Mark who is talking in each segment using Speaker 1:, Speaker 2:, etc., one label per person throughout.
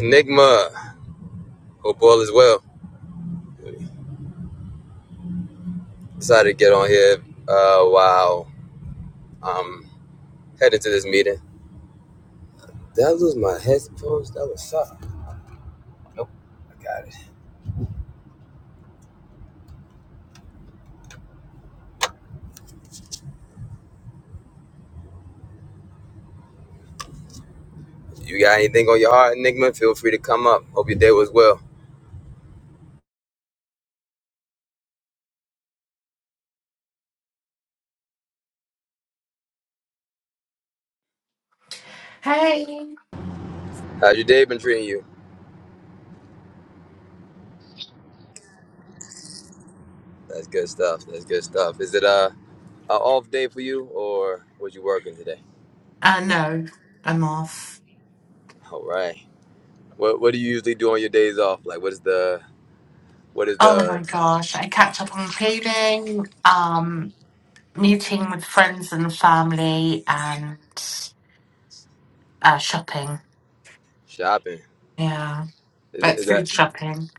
Speaker 1: Enigma, hope all is well. Decided to get on here uh, while I'm headed to this meeting. Did I lose my headphones? That was something. Nope, I got it. You got anything on your heart, Enigma? Feel free to come up. Hope your day was well.
Speaker 2: Hey,
Speaker 1: How's your day been treating you? That's good stuff. That's good stuff. Is it a, a off day for you, or was you working today?
Speaker 2: uh, no, I'm off.
Speaker 1: All right. What What do you usually do on your days off? Like, what is the what is
Speaker 2: Oh my
Speaker 1: the
Speaker 2: gosh, I catch up on cleaning, um, meeting with friends and family, and uh, shopping.
Speaker 1: shopping?
Speaker 2: Yeah,
Speaker 1: Is, is
Speaker 2: like food
Speaker 1: that
Speaker 2: shopping.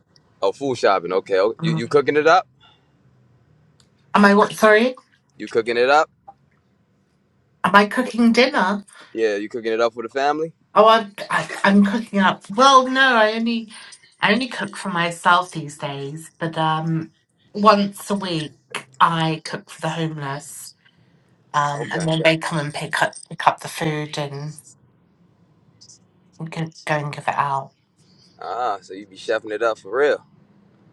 Speaker 1: oh food shopping? Okay. Oh, you
Speaker 2: Mm.
Speaker 1: you cooking it up?
Speaker 2: Am I what? Sorry,
Speaker 1: You cooking it up?
Speaker 2: am I cooking dinner?
Speaker 1: Yeah, you cooking it up for the family?
Speaker 2: Oh, I'm, I, I'm cooking up. Well, no, I only I only cook for myself these days, but um, once a week I cook for the homeless. Um, and
Speaker 1: Okay.
Speaker 2: then they come and pick up pick up the food and I'm gonna go- going to give it out.
Speaker 1: Ah, so you be chefing it up for real.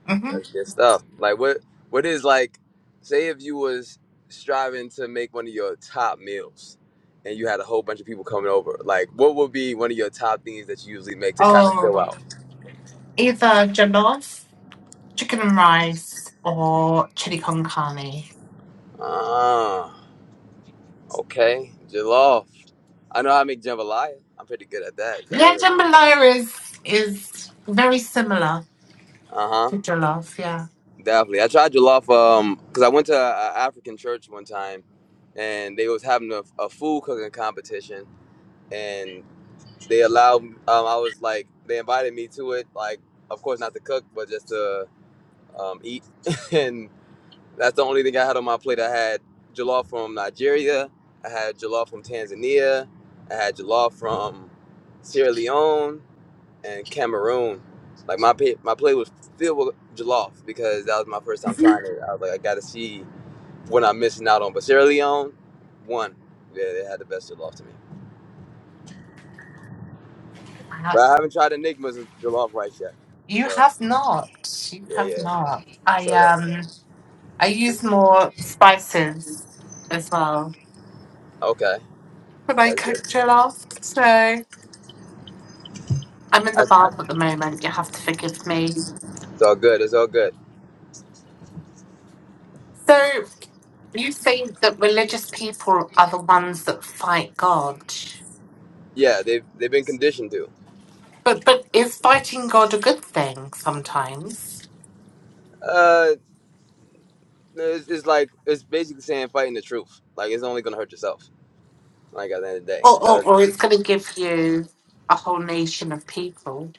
Speaker 2: hmm
Speaker 1: That's good stuff. Like what what is like say if you was striving to make one of your top meals and you had a whole bunch of people coming over, like what would be one of your top things that you usually make to kind of fill
Speaker 2: Oh,
Speaker 1: out?
Speaker 2: either jollof, chicken and rice, or chili con carne.
Speaker 1: Ah, okay. Jollof. I know how to make jambalaya. I'm pretty good at that. I know
Speaker 2: Yeah,
Speaker 1: that.
Speaker 2: jambalaya is is very similar
Speaker 1: Uh-huh.
Speaker 2: to jollof. Yeah,
Speaker 1: Definitely. I tried jollof um because I went to an African church one time, and they was having a, a food cooking competition, and they allowed um I was like they invited me to it like of course not to cook but just to um eat, and that's the only thing I had on my plate. I had jollof from Nigeria, I had jollof from Tanzania, I had jollof from Sierra Leone, and Cameroon, like my pay, my plate was filled with jollof because that was my first time trying it. I was like, I gotta see what I'm missing out on. But Sierra Leone, one, Yeah, they had the best jollof to me.
Speaker 2: Uh,
Speaker 1: But I haven't tried Enigma's jollof rice yet.
Speaker 2: you
Speaker 1: So
Speaker 2: have not. You
Speaker 1: yeah,
Speaker 2: have
Speaker 1: yeah.
Speaker 2: not.
Speaker 1: So
Speaker 2: I
Speaker 1: that
Speaker 2: um I use more spices as well
Speaker 1: okay,
Speaker 2: when I
Speaker 1: that's
Speaker 2: cook
Speaker 1: good.
Speaker 2: jollof. So I'm in the
Speaker 1: That's,
Speaker 2: bath at the moment. You have to forgive me.
Speaker 1: it's all good. It's all good.
Speaker 2: So You say that religious people are the ones that fight God,
Speaker 1: Yeah, they've they've been conditioned to.
Speaker 2: but but is fighting God a good thing sometimes,
Speaker 1: Uh, it's, it's like it's basically saying fighting the truth. Like it's only gonna hurt yourself. Like at the end of the day.
Speaker 2: or or,
Speaker 1: So
Speaker 2: or it's going to give you a whole nation of people?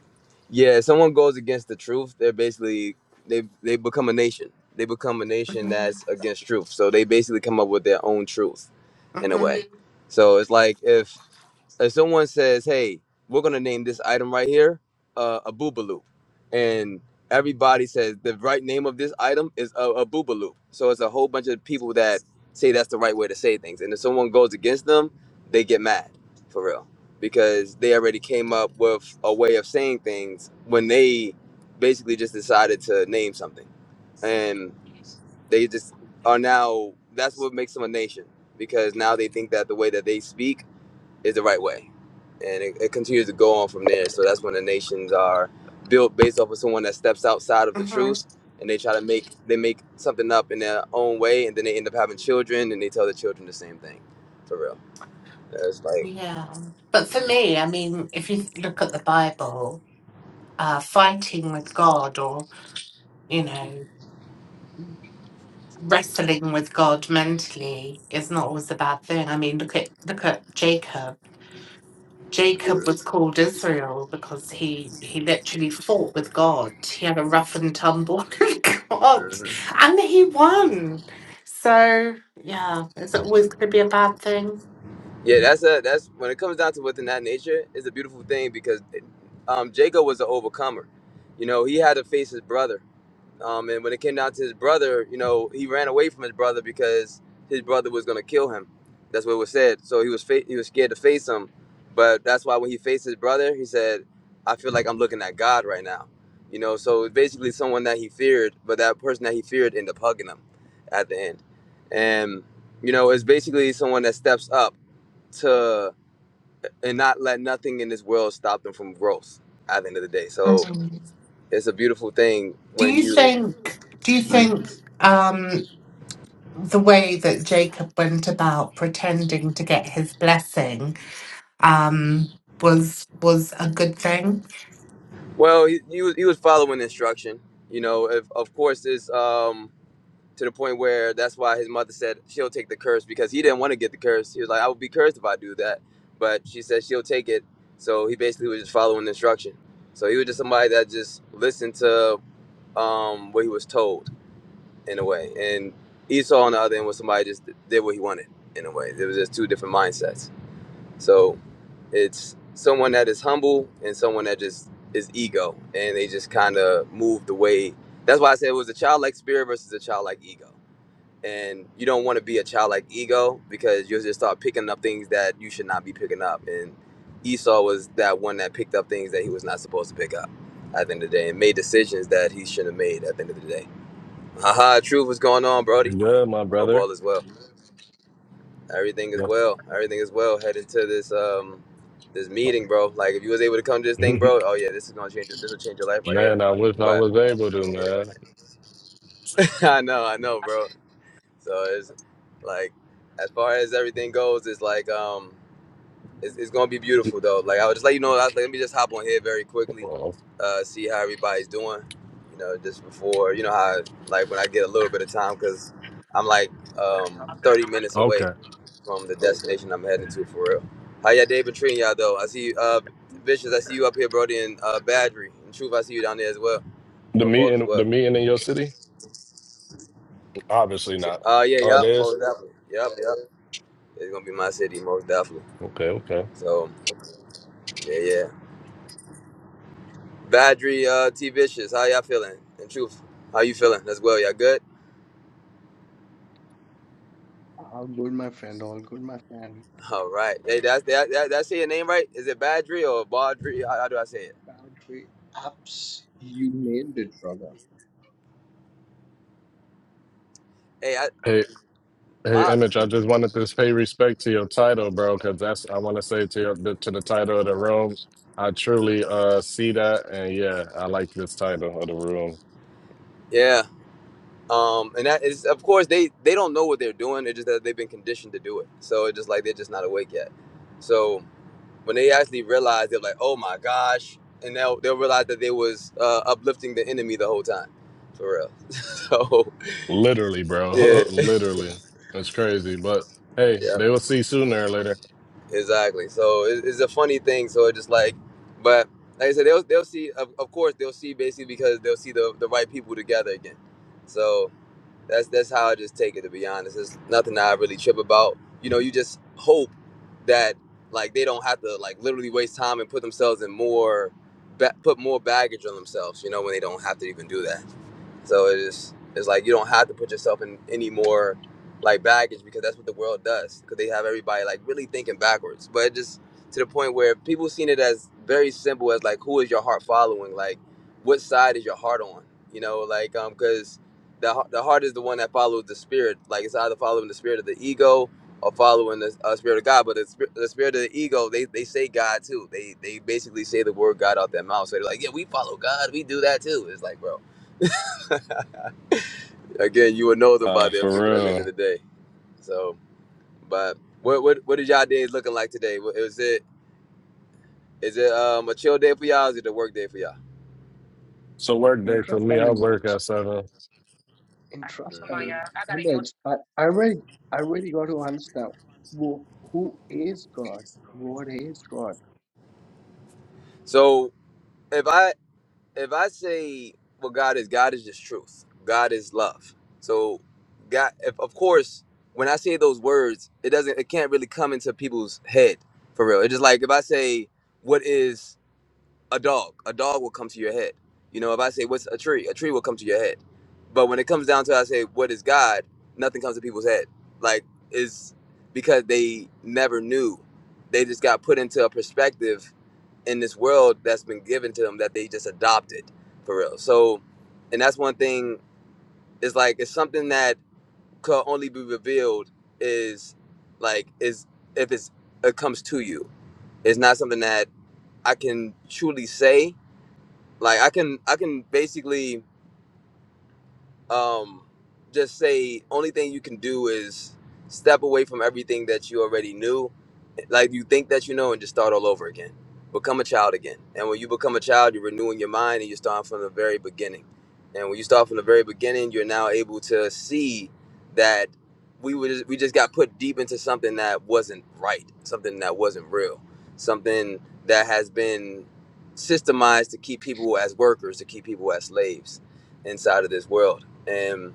Speaker 1: Yeah, if someone goes against the truth, they're basically they they become a nation. They become a nation
Speaker 2: hmm
Speaker 1: that's against truth. So they basically come up with their own truth in a
Speaker 2: hmm
Speaker 1: way. So it's like if if someone says, "Hey, we're gonna name this item right here uh, a boobaloo," and everybody says the right name of this item is a, a boobaloo, so it's a whole bunch of people that say that's the right way to say things, and if someone goes against them, they get mad for real because they already came up with a way of saying things when they basically just decided to name something, and they just are now that's what makes them a nation because now they think that the way that they speak is the right way. And it, it continues to go on from there. So that's when the nations are built based off of someone that steps outside of the
Speaker 2: hmm
Speaker 1: truth and they try to make they make something up in their own way and then they end up having children and they tell the children the same thing. For real. That's like
Speaker 2: Yeah, but for me, I mean, if you look at the Bible, uh, fighting with God, or you know. wrestling with God mentally is not always a bad thing. I mean, look at look at Jacob. Jacob was called Israel because he he literally fought with God. He had a rough and tumble with God,
Speaker 1: Mhm.
Speaker 2: and he won. So yeah, is it always going to be a bad thing?
Speaker 1: Yeah, that's a that's when it comes down to within that nature, it's a beautiful thing because um Jacob was an overcomer. You know, he had to face his brother Um, and when it came down to his brother, you know, he ran away from his brother because his brother was going to kill him. That's what it was said. So he was fa- he was scared to face him, but that's why when he faced his brother, he said, "I feel like I'm looking at God right now," you know. So basically, someone that he feared, but that person that he feared ended up hugging him at the end, and you know, it's basically someone that steps up to and not let nothing in this world stop them from growth at the end of the day. So
Speaker 2: Mm.
Speaker 1: it's a beautiful thing
Speaker 2: Do
Speaker 1: when
Speaker 2: you
Speaker 1: you
Speaker 2: think? Do you think um, the way that Jacob went about pretending to get his blessing um, was was a good thing?
Speaker 1: Well, he, he was he was following instruction. You know, if, of course, it's um, to the point where that's why his mother said she'll take the curse because he didn't want to get the curse. He was like, "I would be cursed if I do that," but she said she'll take it. So he basically was just following instruction. So he was just somebody that just listened to um, what he was told in a way. And Esau on the other end was somebody just did what he wanted in a way. It was just two different mindsets. So it's someone that is humble and someone that just is ego and they just kind of move the way that's why i said it was a childlike spirit versus a childlike ego and you don't want to be a childlike ego because you'll just start picking up things that you should not be picking up and esau was that one that picked up things that he was not supposed to pick up at the end of the day and made decisions that he shouldn't have made at the end of the day haha truth what's going on brody
Speaker 3: Good, my
Speaker 1: hope all
Speaker 3: brother.
Speaker 1: is well Everything is
Speaker 3: Yes.
Speaker 1: well. Everything is well. Heading to this um this meeting, bro. Like if you was able to come to this thing, bro. Oh yeah, this is gonna change. This will change your life right here.
Speaker 3: Man, I wish I
Speaker 1: But
Speaker 3: was able to, man.
Speaker 1: I know, I know, bro. So it's like as far as everything goes, it's like um it's, it's gonna be beautiful though. Like I was just let you know. I was, like, let me just hop on here very quickly,
Speaker 3: Well,
Speaker 1: uh, see how everybody's doing. You know, just before you know how like when I get a little bit of time because I'm like um 30 minutes away
Speaker 3: okay.
Speaker 1: from the destination I'm heading to for real. How y'all day been treating y'all though? I see uh Vicious, I see you up here, Brody, and uh Badry. And Truth, I see you down there as well.
Speaker 3: The
Speaker 1: Up all as
Speaker 3: meeting,
Speaker 1: well.
Speaker 3: the meeting in your city? Obviously
Speaker 1: Si-
Speaker 3: not.
Speaker 1: Uh yeah,
Speaker 3: Oh, it
Speaker 1: yep.
Speaker 3: is?
Speaker 1: most definitely. Yep, yep. It's gonna be my city, most definitely.
Speaker 3: Okay, okay.
Speaker 1: So yeah, yeah. Badry, uh T Vicious, how y'all feeling? And Truth, how you feeling as well? Y'all good?
Speaker 4: All good, my friend. All good, my friend.
Speaker 1: All right. Hey, that's that, that that's say your name right? Is it Badry or Badri? How, how do I say it?
Speaker 4: Battery apps, you nailed it, brother.
Speaker 1: Hey, I
Speaker 3: Hey, hey,
Speaker 1: my
Speaker 3: Image, I just wanted to pay respect to your title, bro, because that's, I want to say to your, to the title of the room, I truly uh see that, and yeah, I like this title of the room.
Speaker 1: yeah. um, and that is of course they they don't know what they're doing. It's just that they've been conditioned to do it. So it's just like they're just not awake yet. So when they actually realize, they're like, oh my gosh, and they'll they'll realize that they was uh, uplifting the enemy the whole time, for real. So
Speaker 3: Literally,
Speaker 1: yeah,
Speaker 3: bro. Literally. It's crazy, but hey,
Speaker 1: yeah,
Speaker 3: they will see sooner or later.
Speaker 1: exactly. So it, it's a funny thing. So it's just like, but like I said, they'll they'll see. Of, of course, they'll see basically because they'll see the the right people together again. So. That's that's how I just take it to be honest. It's nothing that I really trip about. You know, you just hope that like they don't have to like literally waste time and put themselves in more ba- put more baggage on themselves. You know, when they don't have to even do that. So it's it's like you don't have to put yourself in any more like baggage because that's what the world does. Because they have everybody like really thinking backwards, but it just to the point where people seen it as very simple as like who is your heart following, like what side is your heart on, you know, like um because the the heart is the one that follows the spirit. Like it's either following the spirit of the ego or following the uh, spirit of God. But the, sp- the spirit of the ego, they, they say God too. They they basically say the word God out their mouth. So they're like, yeah, we follow God. We do that too. It's like, bro, again, you would know them by
Speaker 3: Uh,
Speaker 1: their
Speaker 3: for
Speaker 1: fruit at the end of the
Speaker 3: real.
Speaker 1: day. So, but what what what is y'all days looking like today? What- Is it is it um a chill day for y'all? Or is it a work day for y'all?
Speaker 3: So work day for me,
Speaker 4: Interesting
Speaker 3: I work
Speaker 4: image.
Speaker 3: at seven.
Speaker 1: hmm
Speaker 4: Interesting image. But I really, I really got to understand who, who is God? What is God?
Speaker 1: So if I if I say what God is, God is just truth. God is love. So, God, if, of course, when I say those words, it doesn't, it can't really come into people's head for real. It's just like if I say, "What is a dog?" A dog will come to your head. You know, if I say, "What's a tree?" A tree will come to your head. But when it comes down to, I say, "What is God?" Nothing comes to people's head. Like is because they never knew. They just got put into a perspective in this world that's been given to them that they just adopted for real. So, and that's one thing It's like it's something that could only be revealed is like is if it's it comes to you. It's not something that I can truly say. Like I can I can basically um, just say only thing you can do is step away from everything that you already knew, like you think that you know, and just start all over again. Become a child again. And when you become a child, you're renewing your mind and you're starting from the very beginning. And when you start from the very beginning, you're now able to see that we were just, we just got put deep into something that wasn't right, something that wasn't real, something that has been systemized to keep people as workers, to keep people as slaves inside of this world and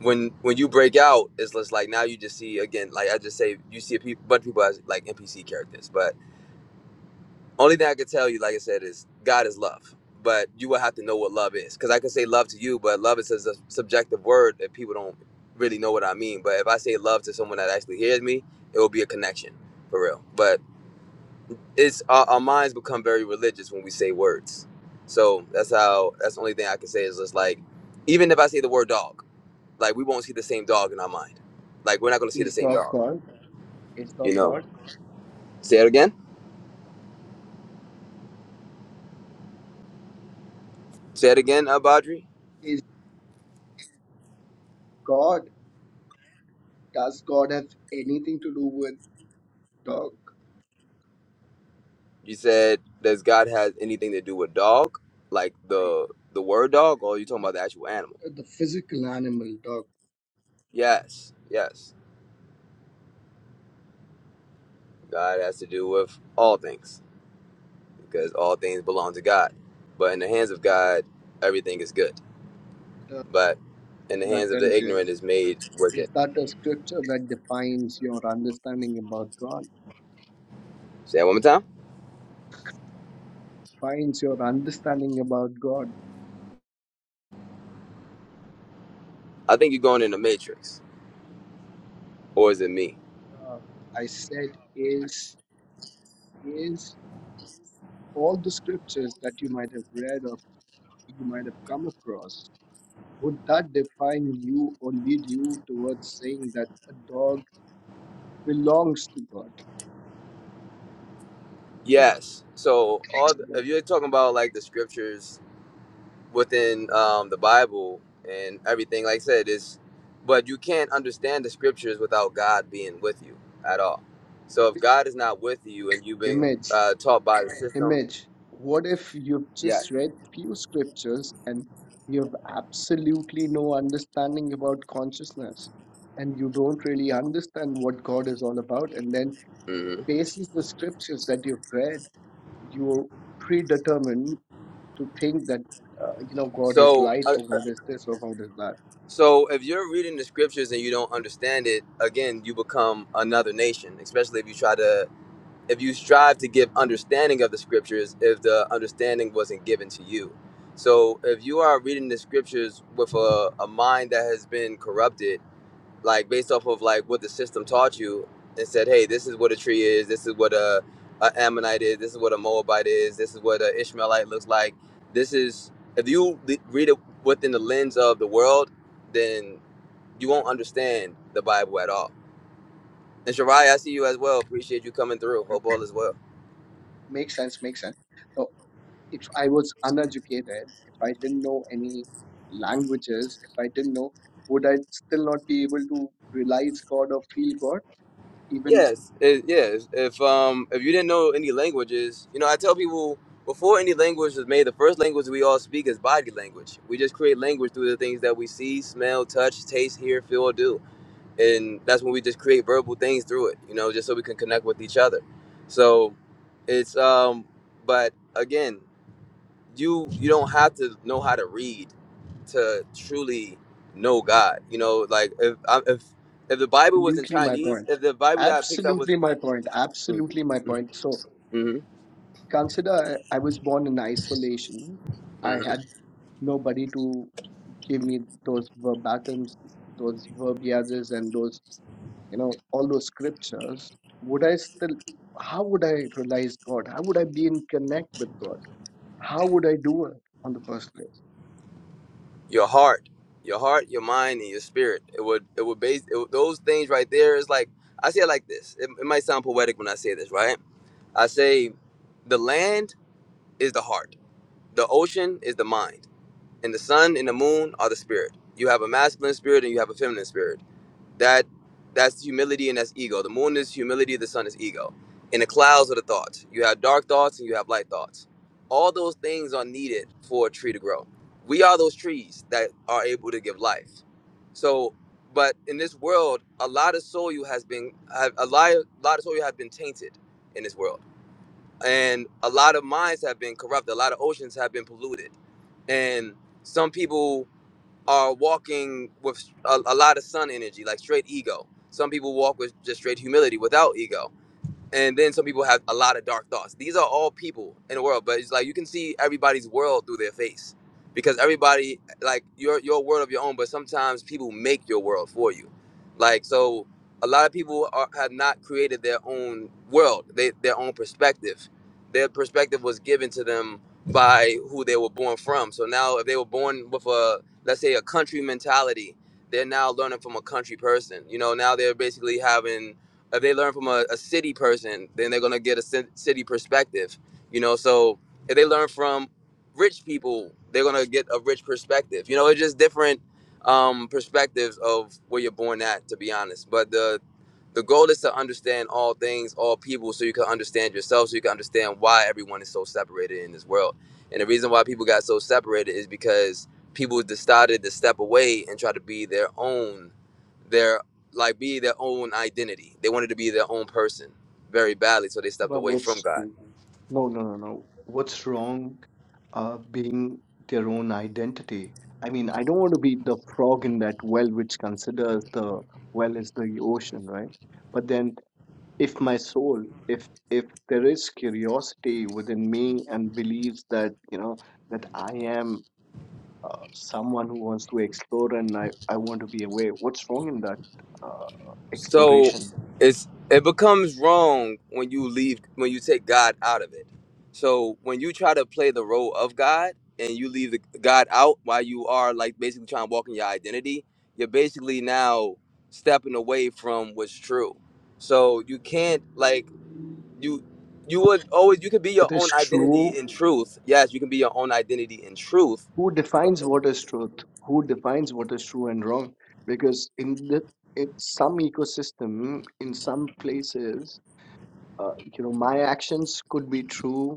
Speaker 1: when when you break out it's just like now you just see again like i just say you see a pe- bunch of people as like npc characters but only thing i could tell you like i said is god is love but you will have to know what love is because i can say love to you but love is a subjective word that people don't really know what i mean but if i say love to someone that actually hears me it will be a connection for real but it's our, our minds become very religious when we say words so that's how that's the only thing i can say is just like even if i say the word dog like we won't see the same dog in our mind. Like we're not gonna see the
Speaker 4: Is
Speaker 1: same
Speaker 4: God
Speaker 1: dog.
Speaker 4: God? Is
Speaker 1: You
Speaker 4: God
Speaker 1: know.
Speaker 4: God?
Speaker 1: Say it again. Say it again, uh, Badri.
Speaker 4: Is God? Does God have anything to do with dog?
Speaker 1: You said does God have anything to do with dog? Like
Speaker 4: I,
Speaker 1: the the word dog, or are you talking about the actual animal?
Speaker 4: the physical animal dog.
Speaker 1: Yes, yes. God has to do with all things because all things belong to God. But in the hands of God, everything is good.
Speaker 4: The,
Speaker 1: But in the
Speaker 4: that
Speaker 1: hands of the
Speaker 4: tells you.
Speaker 1: ignorant is made wicked.
Speaker 4: Is that a scripture that defines your understanding about God?
Speaker 1: Say that one more time.
Speaker 4: defines your understanding about God,
Speaker 1: I think you're going in the matrix, or is it me?
Speaker 4: uh, I said, is is all the scriptures that you might have read or you might have come across. Would that define you or lead you towards saying that a dog belongs to God? An
Speaker 1: Yes. So all
Speaker 4: example,
Speaker 1: the,
Speaker 4: like
Speaker 1: if you're talking about like the scriptures within um, the Bible and everything, like I said, is but you can't understand the scriptures without God being with you at all. So if
Speaker 4: this
Speaker 1: God is not with you and you've been
Speaker 4: Image,
Speaker 1: uh, taught by the system,
Speaker 4: image. What if you've
Speaker 1: yes.
Speaker 4: just read few scriptures and you have absolutely no understanding about consciousness? and you don't really understand what God is all about. And then
Speaker 1: hmm
Speaker 4: basis the scriptures that you've read, you predetermine to think that uh, you know God is
Speaker 1: So
Speaker 4: light
Speaker 1: uh,
Speaker 4: or
Speaker 1: uh,
Speaker 4: God is this or God is that.
Speaker 1: so if you're reading the scriptures and you don't understand it, again, you become another nation, especially if you try to if you strive to give understanding of the scriptures if the understanding wasn't given to you so if you are reading the scriptures with a, a mind that has been corrupted like based off of like what the system taught you and said hey this is what a tree is this is what a, a ammonite is this is what a moabite is this is what an ishmaelite looks like this is if you le- read it within the lens of the world then you won't understand the bible at all and Shariah, i see you as well appreciate you coming through
Speaker 4: Okay,
Speaker 1: hope all is well
Speaker 4: makes sense, makes sense. Now, if I was uneducated, if I didn't know any languages, if I didn't know, would I still not be able to realize God or feel God? Even
Speaker 1: Yes, it, yes. If um if you didn't know any languages, you know I tell people before any language was made, the first language we all speak is body language. We just create language through the things that we see, smell, touch, taste, hear, feel, or do, and that's when we just create verbal things through it. You know, just so we can connect with each other. So it's um, but again, you you don't have to know how to read to truly know God. You know, like if I- if if the Bible was in
Speaker 4: absolutely my
Speaker 1: Chinese,
Speaker 4: point.
Speaker 1: if the Bible that I picked up was
Speaker 4: Absolutely my point.
Speaker 1: hmm
Speaker 4: Absolutely my point. So
Speaker 1: hmm
Speaker 4: consider I I was born in isolation. I had nobody to give me those verbatums, those verbiages, and those, you know, all those scriptures, would I still, how would I realize God? How would I be in connect with God? How would I do it on the first place?
Speaker 1: Your heart, your heart, your mind, and your spirit. It would, it would base it, would- those things right there. Is like I say it like this. It, it might sound poetic when I say this, right? I say, the land is the heart, the ocean is the mind. And the sun and the moon are the spirit. You have a masculine spirit and you have a feminine spirit. That that's humility and that's ego. The moon is humility, the sun is ego. And the clouds are the thoughts. You have dark thoughts and you have light thoughts. All those things are needed for a tree to grow. We are those trees that are able to give life. So, but in this world, a lot of soil has been have, a lot, a lot of soil has been tainted in this world, and a lot of minds have been corrupted. A lot of oceans have been polluted and some people are walking with a, a lot of sun energy like straight ego some people walk with just straight humility without ego and then some people have a lot of dark thoughts. These are all people in the world, but it's like you can see everybody's world through their face because everybody like your your world of your own, but sometimes people make your world for you. Like so, a lot of people are, have not created their own world, they, their own perspective. Their perspective was given to them by who they were born from. So now, if they were born with a let's say a country mentality, they're now learning from a country person. You know, now they're basically having if they learn from a, a city person, then they're gonna get a ci- city perspective. You know, so if they learn from rich people, they're gonna get a rich perspective. You know, it's just different um, perspectives of where you're born at, to be honest. But the the goal is to understand all things, all people, so you can understand yourself, so you can understand why everyone is so separated in this world. And the reason why people got so separated is because people decided to step away and try to be their own their like be their own identity. They wanted to be their own person very badly, so they stepped
Speaker 4: But
Speaker 1: away from
Speaker 4: what's no,
Speaker 1: God.
Speaker 4: no, no, no. What's wrong uh, being their own identity? I mean, I don't want to be the frog in that well, which considers the well is the ocean, right? But then. If my soul, if if there is curiosity within me and believes that you know that I am uh, someone who wants to explore and I I want to be aware, what's wrong in that uh,
Speaker 1: So
Speaker 4: exploration?
Speaker 1: it's it becomes wrong when you leave when you take God out of it. So when you try to play the role of God and you leave the God out while you are like basically trying to walk in your identity, you're basically now stepping away from what's true. So you can't like you you would always you could be your
Speaker 4: What
Speaker 1: own
Speaker 4: is true?
Speaker 1: identity in truth. Yes, you can be your own identity in truth,
Speaker 4: Who defines what is truth? Who defines what is true and wrong? Because in the in some ecosystem, in some places, uh, you know, my actions could be true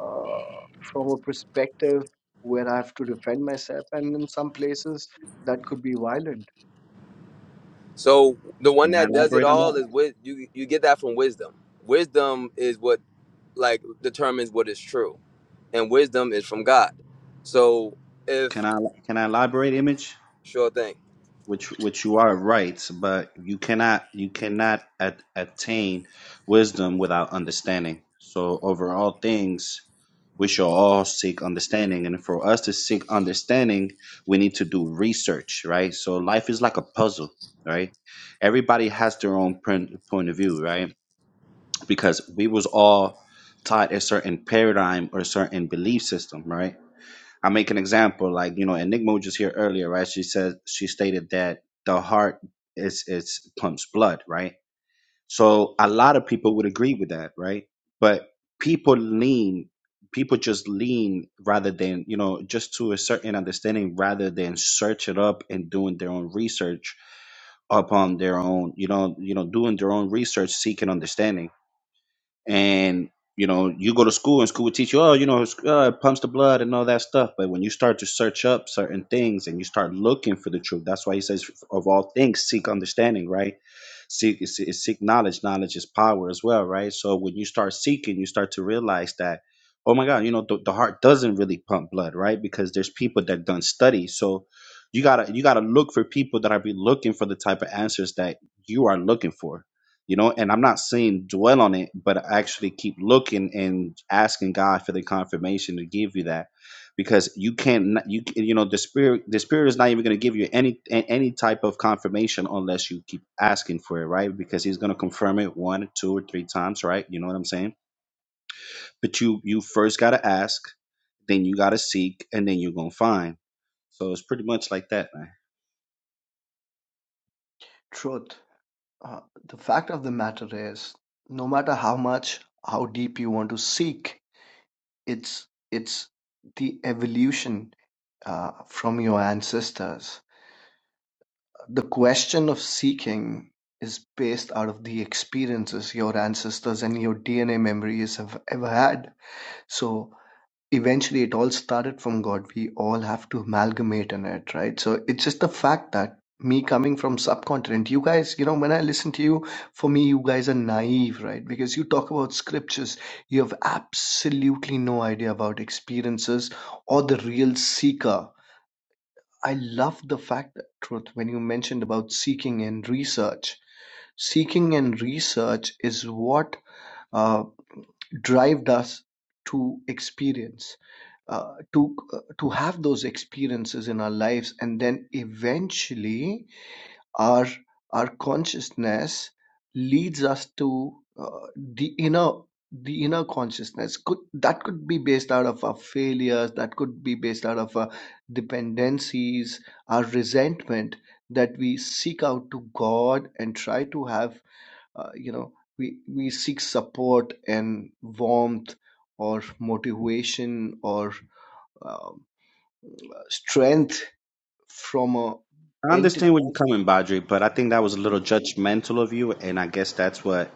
Speaker 4: uh, from a perspective where I have to defend myself, and in some places that could be violent.
Speaker 1: So the one
Speaker 5: Can I
Speaker 1: that does it
Speaker 5: elaborate on
Speaker 1: all
Speaker 5: that?
Speaker 1: is with you. You get that from wisdom. Wisdom is what like determines what is true, and wisdom is from God. So if
Speaker 5: Can I can I elaborate image?
Speaker 1: sure thing,
Speaker 5: Which which you are right, but you cannot you cannot at, attain wisdom without understanding. So over all things, we shall all seek understanding, and for us to seek understanding, we need to do research, right? So life is like a puzzle, right? Everybody has their own point point of view, right? Because we was all taught a certain paradigm or a certain belief system, right? I make an example, like you know, Enigma was just here earlier, right? She said she stated that the heart is it's pumps blood, right? So a lot of people would agree with that, right? But people lean, people just lean rather than you know, just to a certain understanding, rather than search it up and doing their own research upon their own, you know, you know, doing their own research, seeking understanding and you know you go to school and school would teach you oh you know it's- uh, it pumps the blood and all that stuff but when you start to search up certain things and you start looking for the truth that's why he says of all things seek understanding right seek seek knowledge knowledge is power as well right so when you start seeking you start to realize that oh my god you know the, the heart doesn't really pump blood right because there's people that done study so you gotta you gotta look for people that are be looking for the type of answers that you are looking for you know and i'm not saying dwell on it but actually keep looking and asking god for the confirmation to give you that because you can't you you know the spirit the spirit is not even going to give you any a- any type of confirmation unless you keep asking for it right because he's going to confirm it one two or three times right you know what i'm saying but you you first got to ask then you got to seek and then you're going to find so it's pretty much like that man.
Speaker 4: Truth. Uh, the fact of the matter is, no matter how much, how deep you want to seek, it's it's the evolution uh, from your ancestors. The question of seeking is based out of the experiences your ancestors and your DNA memories have ever had. So eventually it all started from God. We all have to amalgamate in it, right? So it's just the fact that me coming from subcontinent, you guys, you know, when I listen to you, for me, you guys are naive, right? Because you talk about scriptures, you have absolutely no idea about experiences or the real seeker. I love the fact that truth when you mentioned about seeking and research. Seeking and research is what uh, drived us to experience uh, to uh, to have those experiences in our lives and then eventually our our consciousness leads us to uh, the inner the inner consciousness could that could be based out of our failures that could be based out of our dependencies our resentment that we seek out to god and try to have uh, you know we we seek support and warmth or motivation or um, uh, strength from a
Speaker 5: I
Speaker 4: entity
Speaker 5: understand where you're coming, Badri, but I think that was a
Speaker 4: Yeah,
Speaker 5: little judgmental of you, and I guess that's what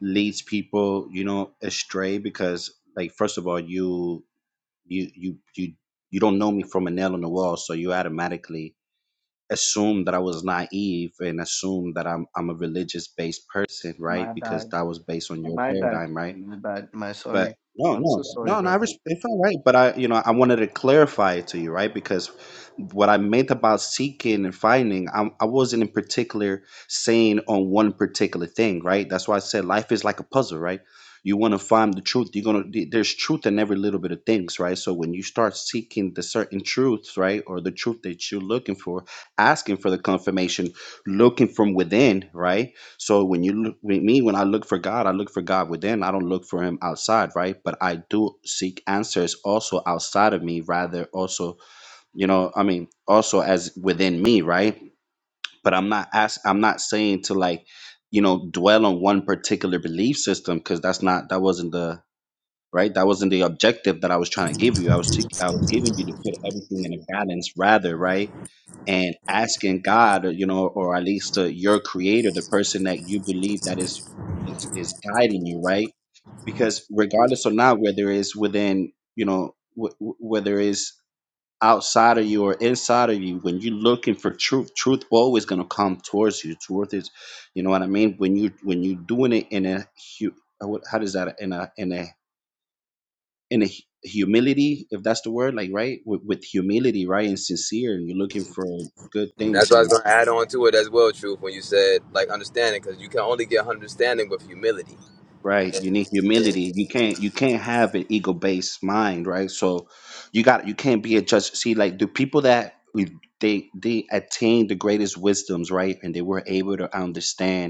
Speaker 5: leads people, you know, astray. Because, like, first of all, you you you you you don't know me from a nail on the wall, so you automatically assume that I was naive and assume that I'm I'm a religious based person, right?
Speaker 4: my
Speaker 5: Because
Speaker 4: bad
Speaker 5: that was based on your
Speaker 4: my bad
Speaker 5: paradigm, right?
Speaker 4: my bad my
Speaker 5: But
Speaker 4: sorry
Speaker 5: no,
Speaker 4: i'm so
Speaker 5: no,
Speaker 4: sorry
Speaker 5: no, no. I
Speaker 4: brother
Speaker 5: res- it felt right, but I, you know, I wanted to clarify it to you, right? Because what I meant about seeking and finding, I, I wasn't in particular saying on one particular thing, right? That's why I said life is like a puzzle, right? You want to find the truth. You're gonna. th- There's truth in every little bit of things, right? So when you start seeking the certain truths, right, or the truth that you're looking for, asking for the confirmation, looking from within, right? So when you look with me, when I look for God, I look for God within. I don't look for Him outside, right? But I do seek answers also outside of me, rather also, you know, I mean, also as within me, right? But I'm not ask, I'm not saying to like, you know, dwell on one particular belief system because that's not that wasn't the right that wasn't the objective that I was trying to give you. I was t- I was giving you to put everything in a balance, rather, right? and asking God, you know, or at least uh, your creator, the person that you believe that is, is is guiding you, right? Because regardless or not, whether it's within, you know, w- w- whether it's outside of you or inside of you, when you're looking for truth, truth always gonna come towards you. Truth is, you know what I mean. When you when you doing it in a hu- uh, what- how does that in a in a in a hu- humility, if that's the word, like right with, with humility, right, and sincere, and you're looking for good things
Speaker 1: that's what I was gonna add on to it as well, truth. When you said like understanding, because you can only get understanding with humility.
Speaker 5: right
Speaker 1: And,
Speaker 5: you need
Speaker 1: and
Speaker 5: humility you can't you can't have an ego based mind right so you got you can't be a judge see like the people that we- they they attained the greatest wisdoms right and they were able to understand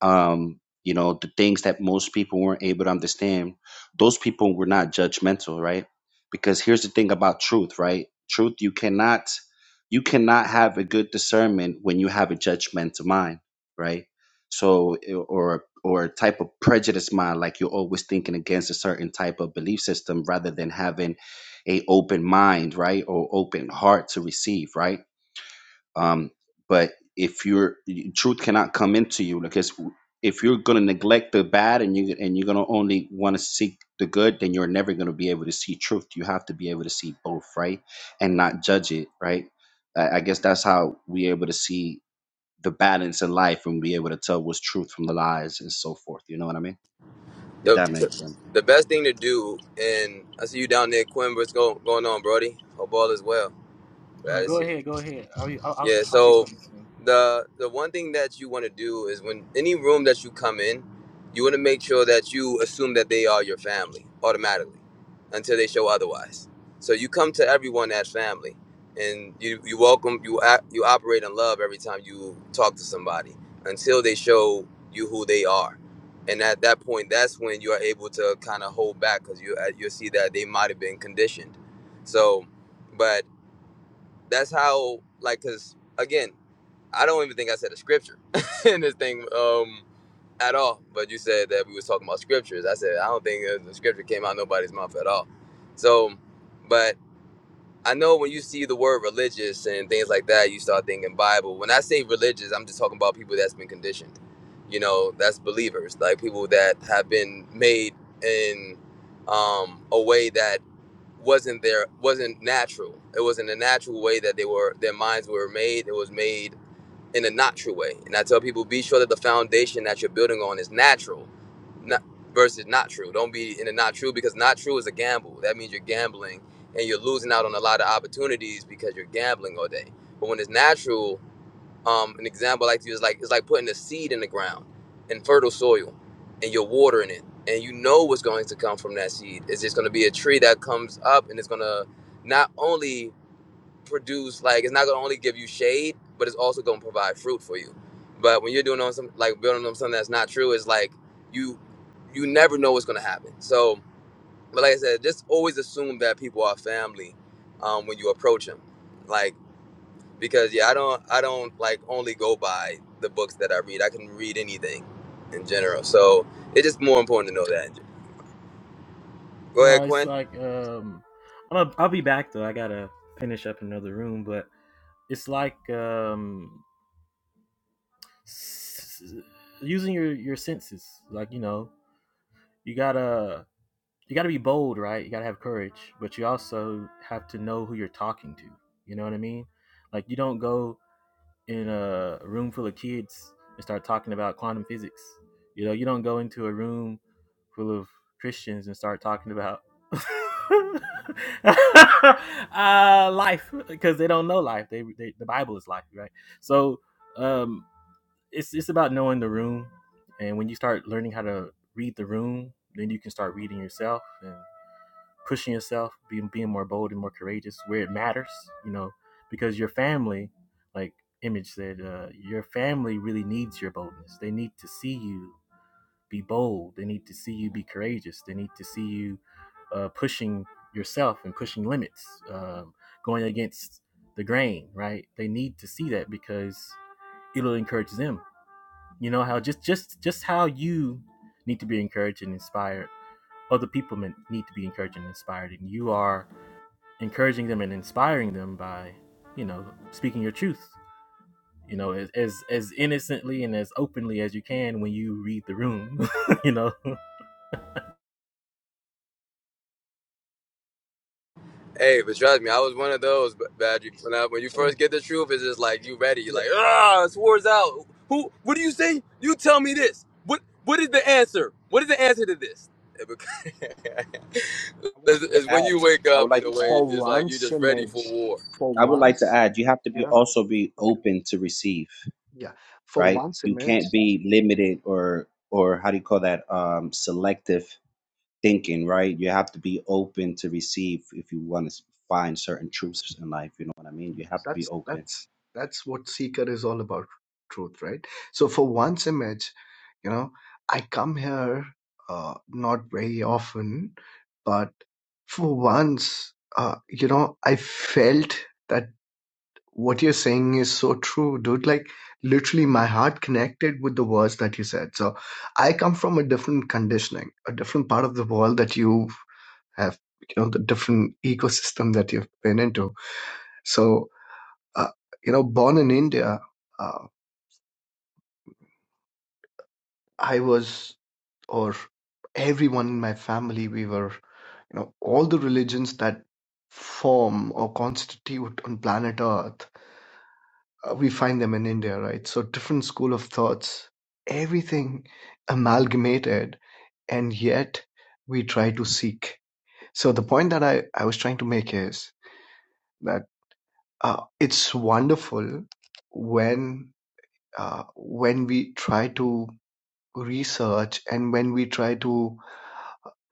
Speaker 5: um, you know, the things that most people weren't able to understand, those people were not judgmental, right? Because here's the thing about truth, right? Truth, you cannot, you cannot have a good discernment when you have a judgmental mind, right? So, or or a type of prejudice mind, like you're always thinking against a certain type of belief system, rather than having a open mind, right, or open heart to receive, right? Um, but if you're truth cannot come into you because if you're going to neglect the bad and you and you're going to only want to seek the good, then you're never going to be able to see truth. You have to be able to see both, right, and not judge it, right. I, I guess that's how we're able to see the balance in life and be able to tell what's truth from the lies and so forth. You know what I mean? If
Speaker 1: the,
Speaker 5: that makes
Speaker 1: the
Speaker 5: sense.
Speaker 1: the best thing to do, and I see you down there, Quinn. What's go going on, Brody? Hope all is well.
Speaker 6: All
Speaker 1: Glad
Speaker 6: right,
Speaker 1: to
Speaker 6: go
Speaker 1: see you.
Speaker 6: ahead, go ahead. I'll, I'll I'll
Speaker 1: Yeah,
Speaker 6: I'll say
Speaker 1: so
Speaker 6: something soon.
Speaker 1: the the one thing that you want to do is when any room that you come in, you want to make sure that you assume that they are your family automatically until they show otherwise. So you come to everyone as family and you you welcome you act- you operate in love every time you talk to somebody until they show you who they are. And at that point, that's when you are able to kind of hold back cuz you uh, you'll see that they might have been conditioned. So but that's how like cuz again I don't even think I said a scripture in this thing um, at all. But you said that we was talking about scriptures. I said I don't think the scripture came out of nobody's mouth at all. So, but I know when you see the word religious and things like that, you start thinking Bible. When I say religious, I'm just talking about people that's been conditioned. You know, that's believers, like people that have been made in um, a way that wasn't there, wasn't natural. It wasn't a natural way that they were. Their minds were made. It was made in a natural way. And I tell people, be sure that the foundation that you're building on is natural, not versus not true. Don't be in a not true because not true is a gamble. That means you're gambling and you're losing out on a lot of opportunities because you're gambling all day. But when it's natural, um, an example I like to use is like it's like putting a seed in the ground in fertile soil and you're watering it and you know what's going to come from that seed. It's just gonna be a tree that comes up and it's gonna not only produce like it's not gonna only give you shade, but it's also gonna provide fruit for you. But when you're doing on some like building on something that's not true, it's like you you never know what's gonna happen. So, but like I said, just always assume that people are family um, when you approach them, like because yeah, I don't I don't like only go by the books that I read. I can read anything in general. So it's just more important to know that. Go ahead,
Speaker 6: No, it's
Speaker 1: Quinn.
Speaker 6: like um, I'm a, I'll be back though. I gotta finish up another room, but it's like um, s- using your your senses. Like you know, you gotta you gotta be bold, right? You gotta have courage, but you also have to know who you're talking to. You know what I mean? Like you don't go in a room full of kids and start talking about quantum physics. You know, you don't go into a room full of Christians and start talking about uh, life because they don't know life. They, they the Bible is life, right? So um, it's it's about knowing the room, and when you start learning how to read the room, then you can start reading yourself, and pushing yourself, being being more bold and more courageous where it matters, you know, because your family, like Image said, uh, your family really needs your boldness. They need to see you be bold. They need to see you be courageous. They need to see you uh, pushing yourself and pushing limits, um, going against the grain, right? They need to see that because it'll encourage them. You know how just just just how you need to be encouraged and inspired. Other people need to be encouraged and inspired, and you are encouraging them and inspiring them by, you know, speaking your truth. You know, as as, as innocently and as openly as you can when you read the room. you know,
Speaker 1: Hey, but trust me, I was one of those. But bad, you, when, I, when you
Speaker 4: Mm.
Speaker 1: first get the truth, it's just like you ready. You're
Speaker 4: yeah,
Speaker 1: like, ah, this war's out. Who? What do you say? You tell me this. What? What is the answer? What is the answer to this? It bec-
Speaker 5: I would
Speaker 1: it's,
Speaker 5: like
Speaker 1: it's
Speaker 5: to
Speaker 1: when
Speaker 5: add.
Speaker 1: you wake
Speaker 5: I would
Speaker 1: up in
Speaker 5: like
Speaker 1: a
Speaker 5: to
Speaker 1: way.
Speaker 5: add.
Speaker 4: for
Speaker 1: It's like you
Speaker 4: once
Speaker 1: just ready
Speaker 4: image
Speaker 1: for war.
Speaker 4: for
Speaker 5: I would like to
Speaker 4: once
Speaker 5: add. You have to be
Speaker 4: yeah
Speaker 5: also be
Speaker 4: okay
Speaker 5: open to receive.
Speaker 4: yeah for
Speaker 5: right?
Speaker 4: once
Speaker 5: You
Speaker 4: image
Speaker 5: can't be limited or or how do you call that um, selective thinking, right? You have to be open to receive if you want to find certain truths in life. You know what I mean? You have to be
Speaker 4: That's
Speaker 5: open.
Speaker 4: that's that's what seeker is all about, truth, right? So for one's image, you know, I come here uh, not very often, but for once, uh, you know, I felt that what you're saying is so true, dude. Like literally, my heart connected with the words that you said. So I come from a different conditioning, a different part of the world that you have, you know, the different ecosystem that you've been into. So uh, you know, born in India, uh, I was, or everyone in my family, we were, you know, all the religions that form or constitute on planet Earth, uh, we find them in India, right? So different school of thoughts, everything amalgamated, and yet we try to seek. So the point that I, I was trying to make is that uh, it's wonderful when uh, when we try to research and when we try to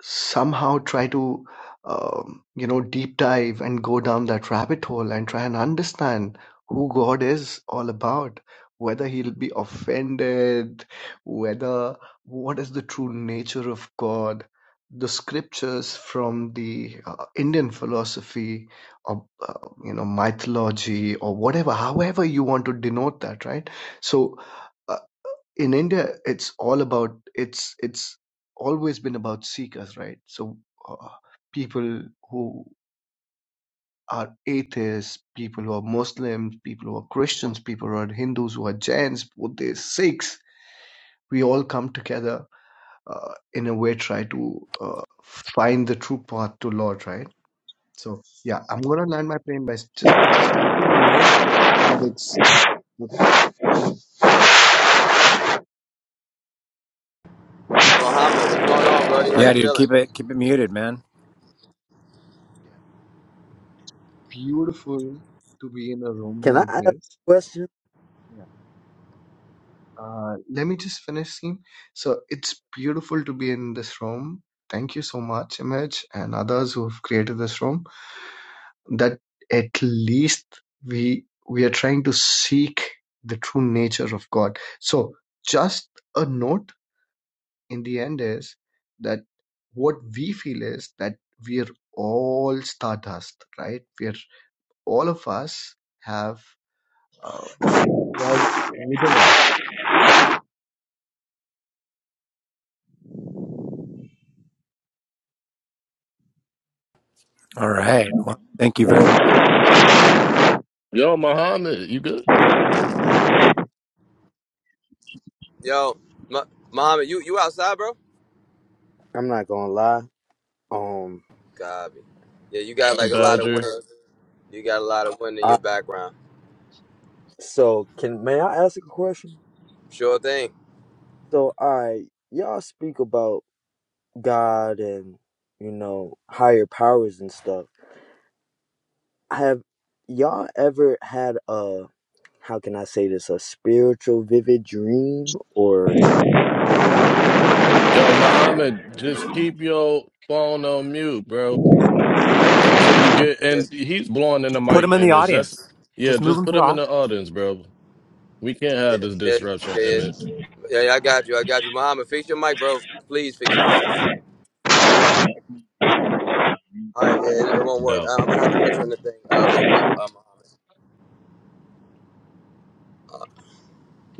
Speaker 4: somehow try to um, you know deep dive and go down that rabbit hole and try and understand who god is all about whether he'll be offended whether what is the true nature of god the scriptures from the uh, indian philosophy or uh, you know mythology or whatever however you want to denote that right so uh, in India, it's all about it's it's always been about seekers, right? So uh, people who are atheists, people who are Muslims, people who are Christians, people who are Hindus, who are Jains, Buddhists, Sikhs, we all come together uh, in a way try to uh, find the true path to Lord, right? So yeah, I'm gonna land my plane by s- just just letting you know that it's yeah,
Speaker 1: Mohammed, what's going on, brody? How you
Speaker 7: Yeah, dude,
Speaker 1: feeling?
Speaker 7: keep it keep it muted, man.
Speaker 4: beautiful to be in a room
Speaker 8: Can I
Speaker 4: like
Speaker 8: ask a
Speaker 4: this.
Speaker 8: question?
Speaker 4: Yeah. Uh, let me just finish, Seem. So it's beautiful to be in this room. Thank you so much, Image, and others who've created this room. That at least we we are trying to seek the true nature of God. So just a note in the end is that what we feel is that we are all stardust, right? We are all of us have uh, God within us.
Speaker 7: All right. Well, thank you very much.
Speaker 3: Yo, Muhammad, you good?
Speaker 1: Yo, Mo- Mohammed, you you outside, bro?
Speaker 8: I'm not gonna lie. Um,
Speaker 1: God, yeah, you got like a lot of
Speaker 3: Badger.
Speaker 1: wind. You got a lot of wind in
Speaker 8: I,
Speaker 1: your background.
Speaker 8: so can may I ask a question?
Speaker 1: Sure thing.
Speaker 8: So, all right, y'all speak about God and you know higher powers and stuff. Have y'all ever had a how can I say this a spiritual vivid dream or
Speaker 3: Yo, Muhammad, just keep your phone on mute, bro, until you get.
Speaker 1: Yeah,
Speaker 3: And he's blowing in the
Speaker 7: Put them
Speaker 3: mic
Speaker 7: in the
Speaker 3: image. That's
Speaker 7: audience.
Speaker 3: yeah.
Speaker 7: Just move
Speaker 3: Just
Speaker 7: them to
Speaker 3: put
Speaker 7: the
Speaker 3: him
Speaker 7: audience.
Speaker 3: in the audience, bro. We can't
Speaker 1: yeah,
Speaker 3: have this
Speaker 1: yeah,
Speaker 3: disruption
Speaker 1: yeah. yeah.
Speaker 3: image.
Speaker 1: Yeah, yeah, I got you. I got you. Muhammad, fix your mic, bro. Please fix your mic. All right, yeah, it, it won't
Speaker 3: no
Speaker 1: work.
Speaker 3: Doubt.
Speaker 1: I, I'm gonna have to put you in the thing uh, real quick, uh, Muhammad.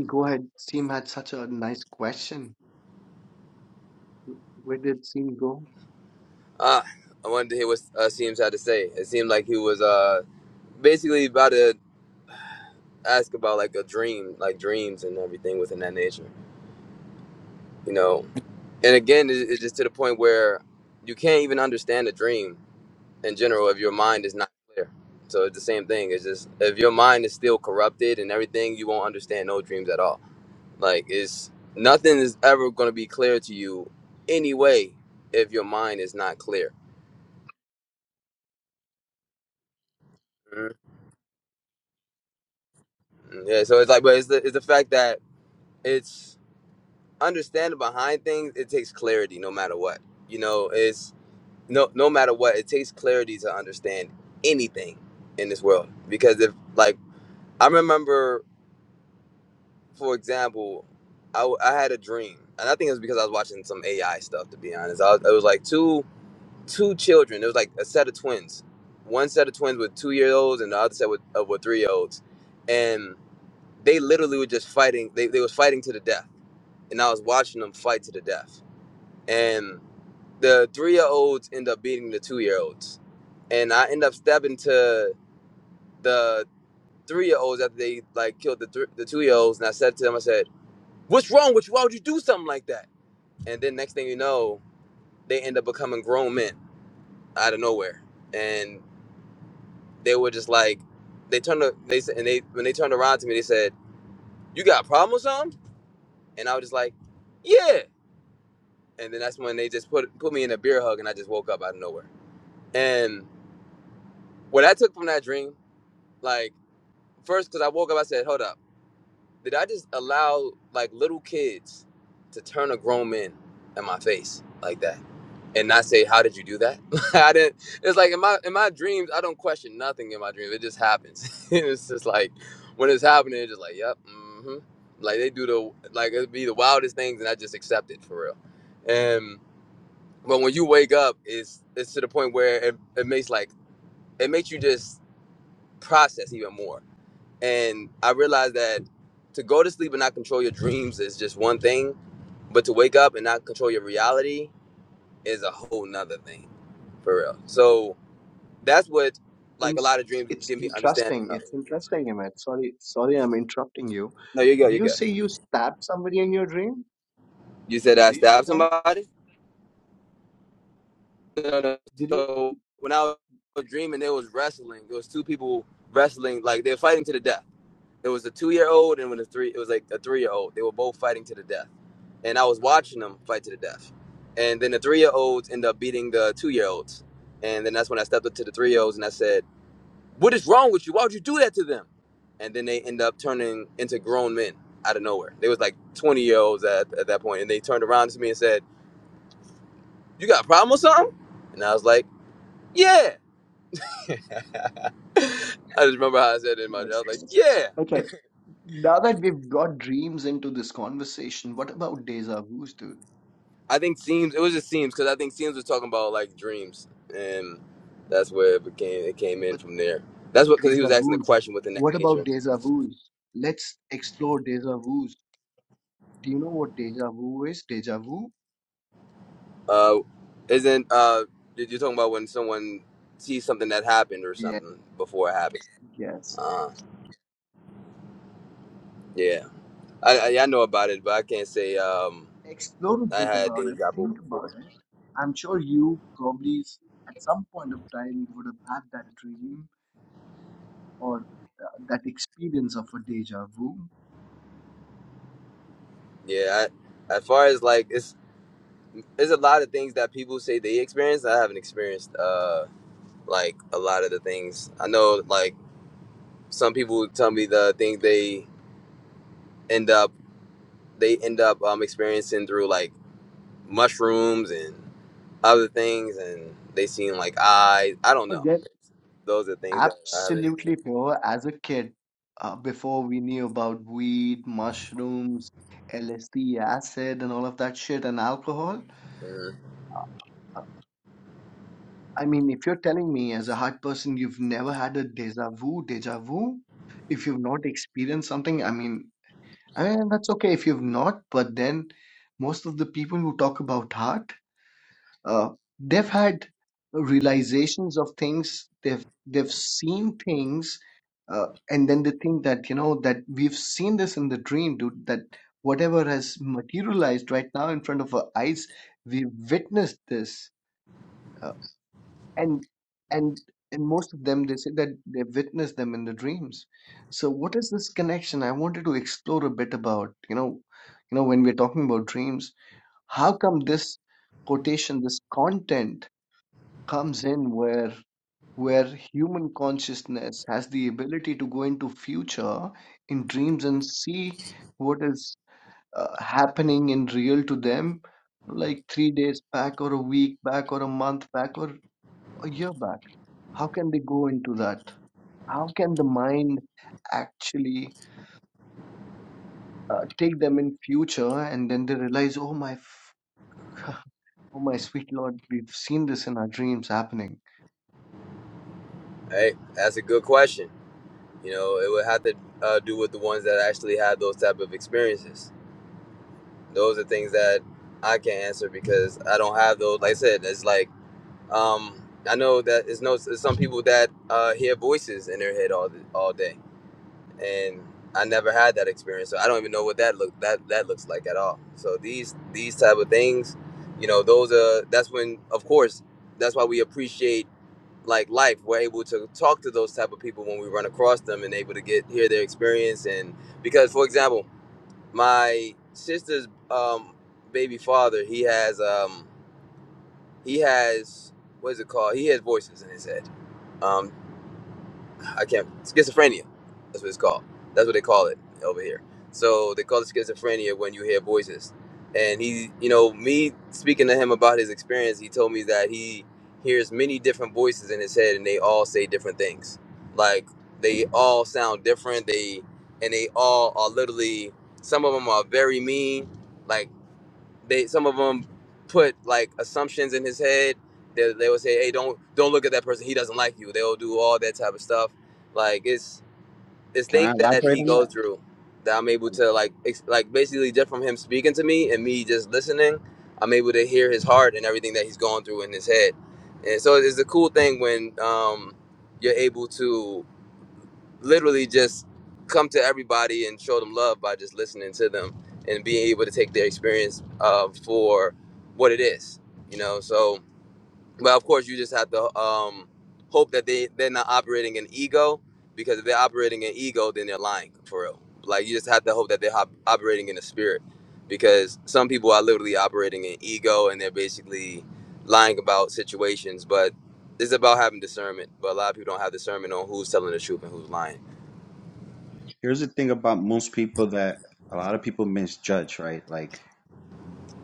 Speaker 4: Go ahead. Seem had such a nice question. Where did scene go?
Speaker 1: Uh, uh, I wanted to hear what uh, Seems had to say. It seemed like he was uh, basically about to ask about like a dream, like dreams and everything within that nature, you know. And again, it, it's just to the point where you can't even understand a dream in general if your mind is not clear. So it's the same thing. It's just if your mind is still corrupted and everything, you won't understand no dreams at all Like it's nothing is ever going to be clear to you anyway if your mind is not clear. Mhm. Yeah, so it's like, but it's the it's the fact that it's understanding behind things. It takes clarity, no matter what. You know, it's no no matter what. It takes clarity to understand anything in this world because if like I remember, for example, I, w- I had a dream, and I think it was because I was watching some AI stuff. To be honest, I was, it was like two. two children. It was like a set of twins. One set of twins with two year olds, and the other set with uh, with three year olds, and they literally were just fighting. They they was fighting to the death, and I was watching them fight to the death. And the three year olds end up beating the two year olds, and I end up stepping to the three year olds after they like killed the thr the two year olds, and I said to them, I said, "What's wrong with you? Why would you do something like that?" And then next thing you know, they end up becoming grown men out of nowhere, and they were just like they turned to, they said and they when they turned around to me they said you got a problem or something and i was just like yeah and then that's when they just put put me in a beer hug and i just woke up out of nowhere and what i took from that dream like first because i woke up i said hold up Did I just allow like little kids to turn a grown man in my face like that and not say, "How did you do that?" I didn't. It's like in my in my dreams, I don't question nothing in my dreams. It just happens. it's just like when it's happening, it's just like, "Yep." hmm Like they do the like it'd be the wildest things, and I just accept it for real. And but when you wake up, it's it's to the point where it, it makes like it makes you just process even more. And I realized that to go to sleep and not control your dreams is just one thing, but to wake up and not control your reality is a whole nother thing, for real. So that's what, like, a
Speaker 4: It's
Speaker 1: lot of dreams
Speaker 4: it's
Speaker 1: give me understanding
Speaker 4: interesting.
Speaker 1: of.
Speaker 4: It's interesting, Amit. Sorry, sorry, I'm interrupting you.
Speaker 1: No, you go,
Speaker 4: Did
Speaker 1: you
Speaker 4: you
Speaker 1: go.
Speaker 4: say you stabbed somebody in your dream?
Speaker 1: You said I
Speaker 4: Did you say
Speaker 1: stabbed
Speaker 4: that?
Speaker 1: somebody? No, no. no.
Speaker 4: Did you?
Speaker 1: So when I was dreaming, there was wrestling. There was two people wrestling, like, they're fighting to the death. It was a two year old and when a three it was like a three year old. They were both fighting to the death, and I was watching them fight to the death. And then the three year olds ended up beating the two year olds, and then that's when I stepped up to the three year olds and I said, "What is wrong with you? Why would you do that to them?" And then they end up turning into grown men out of nowhere. They was like twenty year olds at, at that point, and they turned around to me and said, "You got a problem or something?" And I was like, "Yeah." I just remember how I said it in my. day. I
Speaker 4: Nice,
Speaker 1: was like,
Speaker 4: nice.
Speaker 1: "Yeah."
Speaker 4: Okay. Now that we've got dreams into this conversation, what about deja vu's, dude?
Speaker 1: I think Seams. It was just Seams because I think Seams was talking about like dreams, and that's where it became. It came in
Speaker 4: But
Speaker 1: from there. That's what because he
Speaker 4: deja
Speaker 1: was asking the
Speaker 4: vu's.
Speaker 1: question within that
Speaker 4: What about
Speaker 1: nature.
Speaker 4: deja vu's? Let's explore deja vu's. Do you know what deja vu is? Deja vu?
Speaker 1: Uh, isn't uh, did you talking about when someone sees something that happened or
Speaker 4: Yeah.
Speaker 1: something before it happened?
Speaker 4: Yes.
Speaker 1: Uh, yeah, I, I yeah, I know about it, but I can't say um
Speaker 4: Explore a
Speaker 1: I
Speaker 4: bit
Speaker 1: had
Speaker 4: about it,
Speaker 1: deja vu
Speaker 4: think about
Speaker 1: before.
Speaker 4: it. I'm sure you probably s- at some point of time would have had that dream or uh, that experience of a deja vu.
Speaker 1: Yeah, I, as far as like it's there's a lot of things that people say they experienced. I haven't experienced uh like a lot of the things I know like some people tell me the things they end up they end up um, experiencing through like mushrooms and other things and they seem like eyes i don't
Speaker 4: I
Speaker 1: know
Speaker 4: get
Speaker 1: those are things that i haven't
Speaker 4: absolutely pure as a kid. Uh, before we knew about weed, mushrooms, LSD, acid, and all of that shit, and alcohol.
Speaker 1: mm.
Speaker 4: I mean, if you're telling me as a heart person you've never had a deja vu, deja vu, if you've not experienced something, I mean, I mean, that's okay if you've not, but then most of the people who talk about heart, uh, they've had realizations of things, they've they've seen things, uh, and then they think that, you know, that we've seen this in the dream, dude, that whatever has materialized right now in front of our eyes, we've witnessed this. uh, and and and most of them they say that they witness them in the dreams so what is this connection i wanted to explore a bit about you know you know when we're talking about dreams how come this quotation this content comes in where where human consciousness has the ability to go into future in dreams and see what is uh, happening in real to them like three days back or a week back or a month back or a year back. How can they go into that? How can the mind actually uh, take them in future and then they realize, oh my, f- oh my sweet Lord, we've seen this in our dreams happening.
Speaker 1: hey that's a good question you know it would have to uh, do with the ones that actually have those type of experiences those are things that i can't answer because i don't have those like i said it's like um i know that it's no it's some people that uh hear voices in their head all all day and I never had that experience, so I don't even know what that look that that looks like at all. So these these type of things, you know, those are that's when, of course, that's why we appreciate like life. We're able to talk to those type of people when we run across them and able to get hear their experience. And because, for example, my sister's um, baby father, he has um, he has what is it called? He has voices in his head. Um, I can't schizophrenia. That's what it's called. That's what they call it over here. So they call it schizophrenia when you hear voices. And he, you know, me speaking to him about his experience, he told me that he hears many different voices in his head, and they all say different things. Like they all sound different. They and they all are literally. Some of them are very mean. Like they some of them put like assumptions in his head. They they will say, "Hey, don't don't look at that person. He doesn't like you." They'll do all that type of stuff. Like it's it's
Speaker 5: Can I
Speaker 1: things that
Speaker 5: elaborate
Speaker 1: he
Speaker 5: on
Speaker 1: goes
Speaker 5: that?
Speaker 1: through that I'm able to like ex- like basically just from him speaking to me and me just listening, I'm able to hear his heart and everything that he's going through in his head. And so it's a cool thing when um, you're able to literally just come to everybody and show them love by just listening to them and being able to take their experience uh, for what it is, you know. So, but of course, you just have to um, hope that they they're not operating in ego because if they're operating in ego, then they're lying for real. Like you just have to hope that they're hop- operating in the spirit because some people are literally operating in ego and they're basically lying about situations, but. It's about having discernment, but a lot of people don't have discernment on who's telling the truth and who's lying.
Speaker 5: Here's the thing about most people that a lot of people misjudge, right? Like,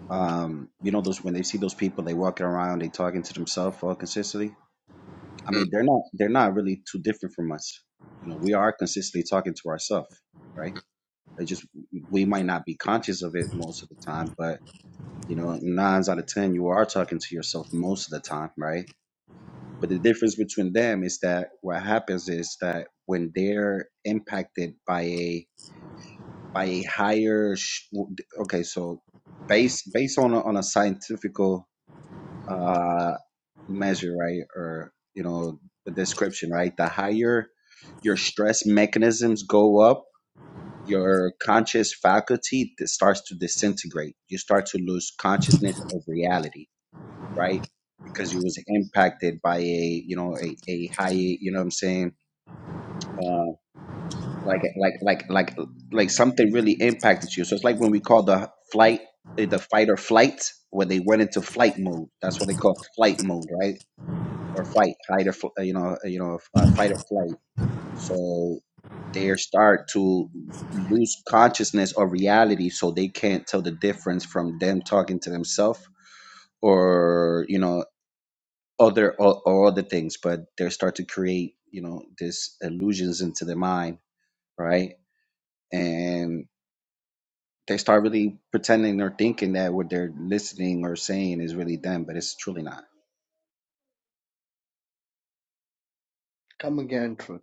Speaker 5: um, you know, those when they see those people, they walking around, they talking to themselves all consistently. I mean, they're not they're not really too different from us. You know, we are consistently talking to ourselves, right? It just we might not be conscious of it most of the time, but you know, nines out of ten, you are talking to yourself most of the time, right? But the difference between them is that what happens is that when they're impacted by a by a higher, sh- okay, so based based on a, on a scientifical uh, measure, right, or you know, the description, right, the higher your stress mechanisms go up your conscious faculty that starts to disintegrate. You start to lose consciousness of reality, right? Because you was impacted by a, you know, a, a high, you know what I'm saying? Uh, like, like, like, like, like something really impacted you. So it's like when we call the flight, eh, the fight or flight, when they went into flight mode. That's what they call flight mode, right? Or fight, hide or, fl- eh, you know, eh, you know, uh, fight or flight so they start to lose consciousness of reality so they can't tell the difference from them talking to themselves or, you know, other or, or other things, but they start to create, you know, these illusions into their mind, right? And they start really pretending or thinking that what they're listening or saying is really them, but it's truly not.
Speaker 4: Come again, Truth.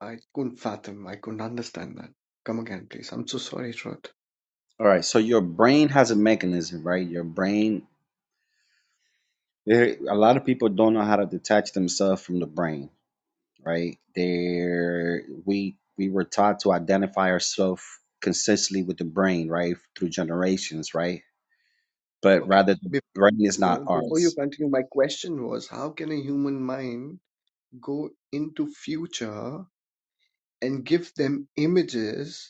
Speaker 4: I couldn't fathom. I couldn't understand that. Come again, please. I'm so sorry, Truth.
Speaker 5: All right, so your brain has a mechanism, right? Your brain, there, a lot of people don't know how to detach themselves from the brain right? There, we we were taught to identify ourselves consistently with the brain, right, through generations, right? But
Speaker 4: Okay.
Speaker 5: rather, the
Speaker 4: Before
Speaker 5: brain is not
Speaker 4: you, before you
Speaker 5: ours.
Speaker 4: continue, my question was, how can a human mind go into future and give them images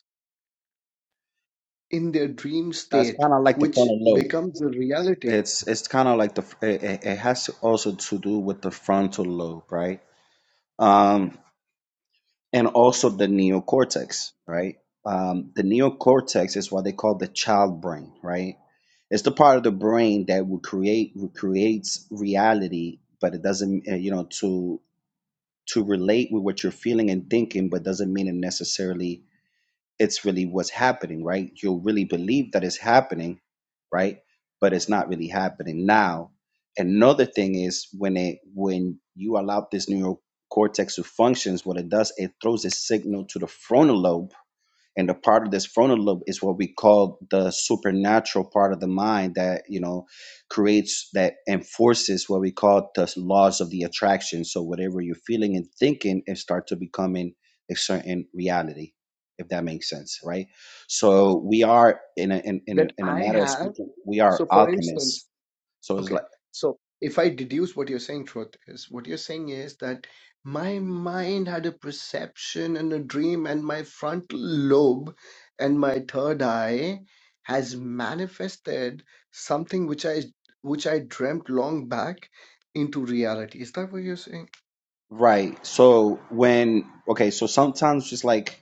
Speaker 4: in their dream
Speaker 5: That's
Speaker 4: state,
Speaker 5: kind of like the
Speaker 4: which
Speaker 5: frontal lobe.
Speaker 4: becomes a reality
Speaker 5: It's it's kind of like the it, it it has to also to do with the frontal lobe, right? Um, and
Speaker 4: okay,
Speaker 5: also the neocortex, right? Um, the neocortex is what they call the child brain, right? It's the part of the brain that will create creates reality, but it doesn't uh, you know to to relate with what you're feeling and thinking, but doesn't mean it necessarily it's really what's happening, right? You'll really believe that it's happening, right? But it's not really happening now. Another thing is when it when you allow this neural cortex to functions, what it does, it throws a signal to the frontal lobe and the part of this frontal lobe is what we call the supernatural part of the mind that you know creates that enforces what we call the laws of the attraction so whatever you're feeling and thinking it starts to becoming a certain reality if that makes sense right
Speaker 4: uh,
Speaker 5: so we are in a in, in a,
Speaker 4: that
Speaker 5: in a
Speaker 4: I
Speaker 5: matter of
Speaker 4: have.
Speaker 5: speaking we are
Speaker 4: So, for
Speaker 5: alchemists
Speaker 4: instance,
Speaker 5: so it's
Speaker 4: okay,
Speaker 5: like
Speaker 4: so if I deduce what you're saying, truth is what you're saying is that my mind had a perception and a dream, and my frontal lobe and my third eye has manifested something which I which I dreamt long back into reality. Is that what you're saying?
Speaker 5: right so when okay so sometimes just like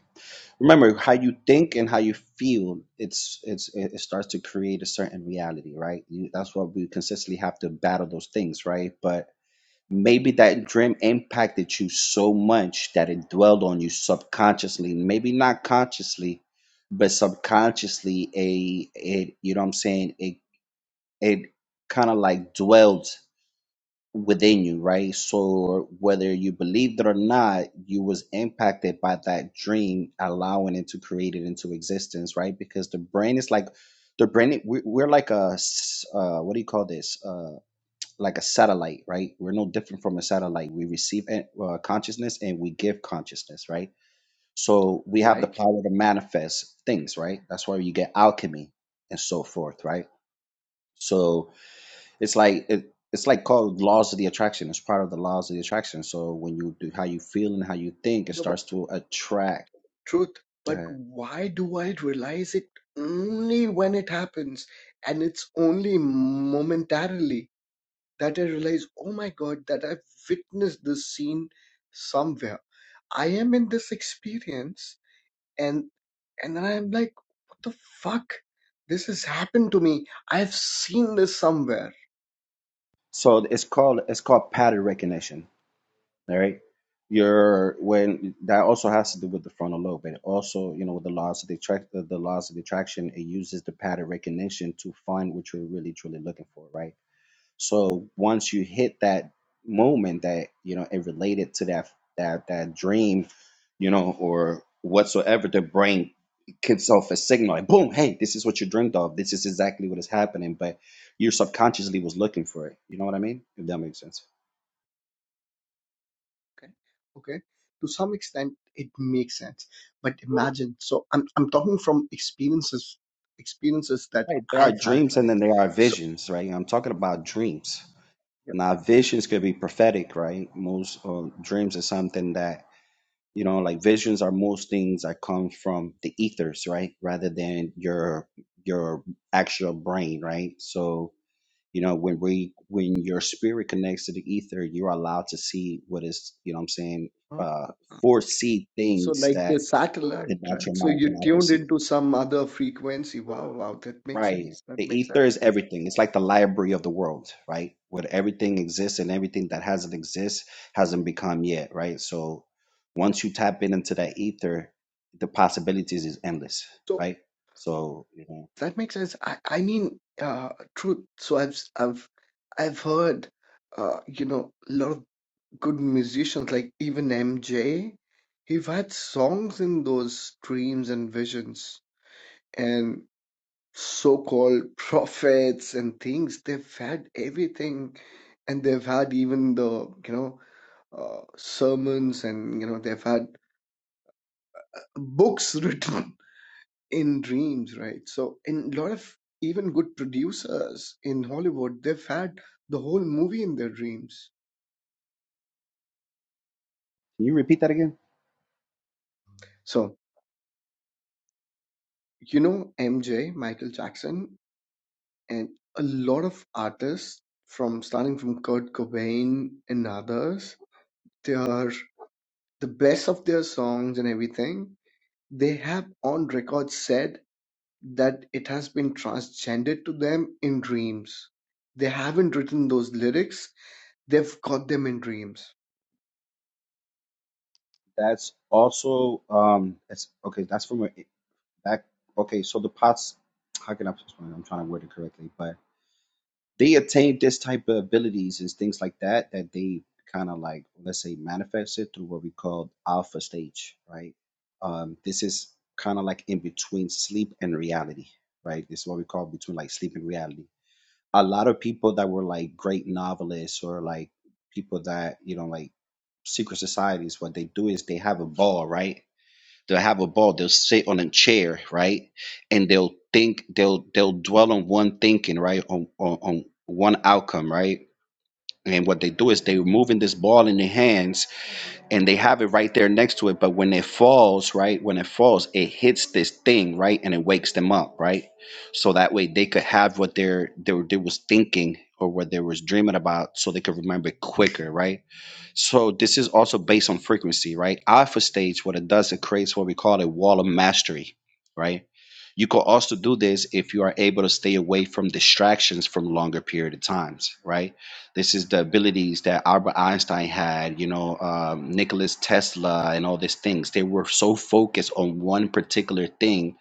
Speaker 5: remember how you think and how you feel it's it's it it starts to create a certain reality right you, that's why we consistently have to battle those things right but maybe that dream impacted you so much that it dwelled on you subconsciously maybe not consciously but subconsciously a it you know what i'm saying it it kind of like dwelled within you, right? So whether you believed it or not, you was impacted by that dream, allowing it to create it into existence, right? Because the brain is like the brain. we- We're like a s- uh, what do you call this? Uh, like a satellite, right? We're no different from a satellite. We receive en- uh, consciousness and we give consciousness, right? So we have the
Speaker 4: Like
Speaker 5: power to manifest things, right? That's why you get alchemy and so forth, right? So it's like it, it's like called laws of the attraction. It's part of the laws of the attraction. So when you do how you feel and how you think, it
Speaker 4: No.
Speaker 5: starts to attract.
Speaker 4: truth, but
Speaker 5: Uh,
Speaker 4: why do I realize it only when it happens? And it's only momentarily that I realize, oh my God, that I've witnessed this scene somewhere. I am in this experience and and then I'm like, what the fuck? This has happened to me. I've seen this somewhere
Speaker 5: So it's called it's called pattern recognition. All right. Your when that also has to do with the frontal lobe, and also you know with the laws of the attract the laws of the attraction. It uses the pattern recognition to find what you're really truly looking for, right? So once you hit that moment that you know it related to that that that dream, you know, or whatsoever, the brain gives off a signal like boom, hey, this is what you dreamed of. This is exactly what is happening. But your subconsciously was looking for it. You know what I mean? If that makes sense.
Speaker 4: Okay. Okay. To some extent, it makes sense. But imagine, so I'm I'm talking from experiences experiences that
Speaker 5: Right. There are
Speaker 4: I've had,
Speaker 5: dreams and
Speaker 4: right?
Speaker 5: then there are
Speaker 4: So
Speaker 5: visions, right? I'm talking about dreams. Now visions could be prophetic, right? Most uh, dreams is something that You know, like visions are most things that come from the ethers, right? Rather than your your actual brain, right? So, you know, when we when your spirit connects to the ether, you're allowed to see what is, you know what I'm saying,
Speaker 4: yeah.
Speaker 5: uh foresee
Speaker 4: So
Speaker 5: things
Speaker 4: like
Speaker 5: that
Speaker 4: a
Speaker 5: the
Speaker 4: satellite, right?
Speaker 5: natural
Speaker 4: So
Speaker 5: mind
Speaker 4: you
Speaker 5: cannot
Speaker 4: tuned
Speaker 5: perceive.
Speaker 4: into some other frequency. Wow, wow, that makes
Speaker 5: Right.
Speaker 4: sense.
Speaker 5: The
Speaker 4: That makes
Speaker 5: ether
Speaker 4: sense.
Speaker 5: is everything. It's like the library of the world, right? Where everything exists and everything that hasn't exist hasn't become yet, right? So once you tap in into that ether, the possibilities is endless,
Speaker 4: So
Speaker 5: right? So you know,
Speaker 4: that makes sense. I, I mean, uh, truth. So I've, s- I've, I've heard, uh, you know, a lot of good musicians like even MJ, he had songs in those dreams and visions and so-called prophets and things. They've had everything, and they've had even the you know uh, sermons and you know they've had books written in dreams, right? So in a lot of even good producers in Hollywood, they've had the whole movie in their dreams.
Speaker 5: can you repeat that again?
Speaker 4: So you know MJ, Michael Jackson. And a lot of artists from starting from Kurt Cobain and others, they are the best of their songs and everything. They have on record said that it has been transgendered to them in dreams. They haven't written those lyrics, they've got them in dreams.
Speaker 5: That's also um that's okay, that's from a back okay, so the pots how can I explain? it? I'm trying to word it correctly, but they attain this type of abilities and things like that that they kind of like let's say manifest it through what we call alpha stage right um this is kind of like in between sleep and reality right this is what we call between like sleep and reality a lot of people that were like great novelists or like people that you know like secret societies what they do is they have a ball right they'll have a ball they'll sit on a chair right and they'll think they'll they'll dwell on one thinking right on on, on one outcome right and what they do is they're moving this ball in their hands and they have it right there next to it. But when it falls, right, when it falls, it hits this thing, right, and it wakes them up, right. So that way they could have what they're they, were- they was thinking or what they was dreaming about, so they could remember it quicker, right. So this is also based on frequency, right? Alpha stage, what it does, it creates what we call a wall of mastery, right? You could also do this if you are able to stay away from distractions from longer period of times, right? This is the abilities that Albert Einstein had, you know, um, Nicholas Tesla, and all these things. They were so focused on one particular thing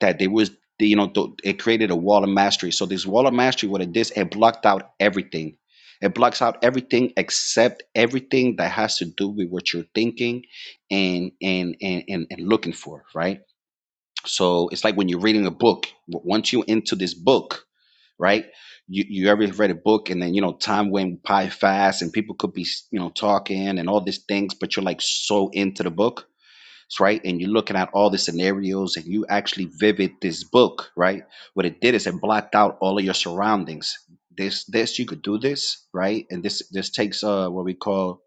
Speaker 5: that they was, you know, th- it created a wall of mastery. So this wall of mastery, what it did, it blocked out everything. It blocks out everything except everything that has to do with what you're thinking and and and and, and looking for, right? So it's like when you're reading a book. w- Once you're into this book, right? You, you ever read a book and then, you know, time went by fast and people could be, you know, talking and all these things, but you're like so into the book right? And you're looking at all the scenarios and you actually vivid this book, right? What it did is it blocked out all of your surroundings. This, this, you could do this, right? And this, this takes uh what we call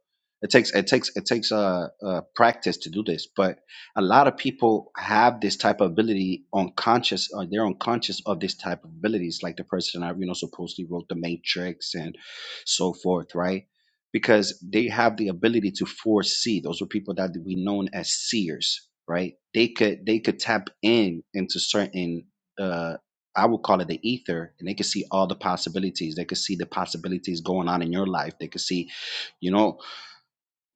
Speaker 5: it takes it takes it takes uh, uh practice to do this, but a lot of people have this type of ability unconscious or they're unconscious of this type of abilities like the person i you know supposedly wrote the matrix and so forth right because they have the ability to foresee. Those were people that we known as seers, right? They could they could tap in into certain uh I would call it the ether, and they could see all the possibilities. They could see the possibilities going on in your life. They could see, you know,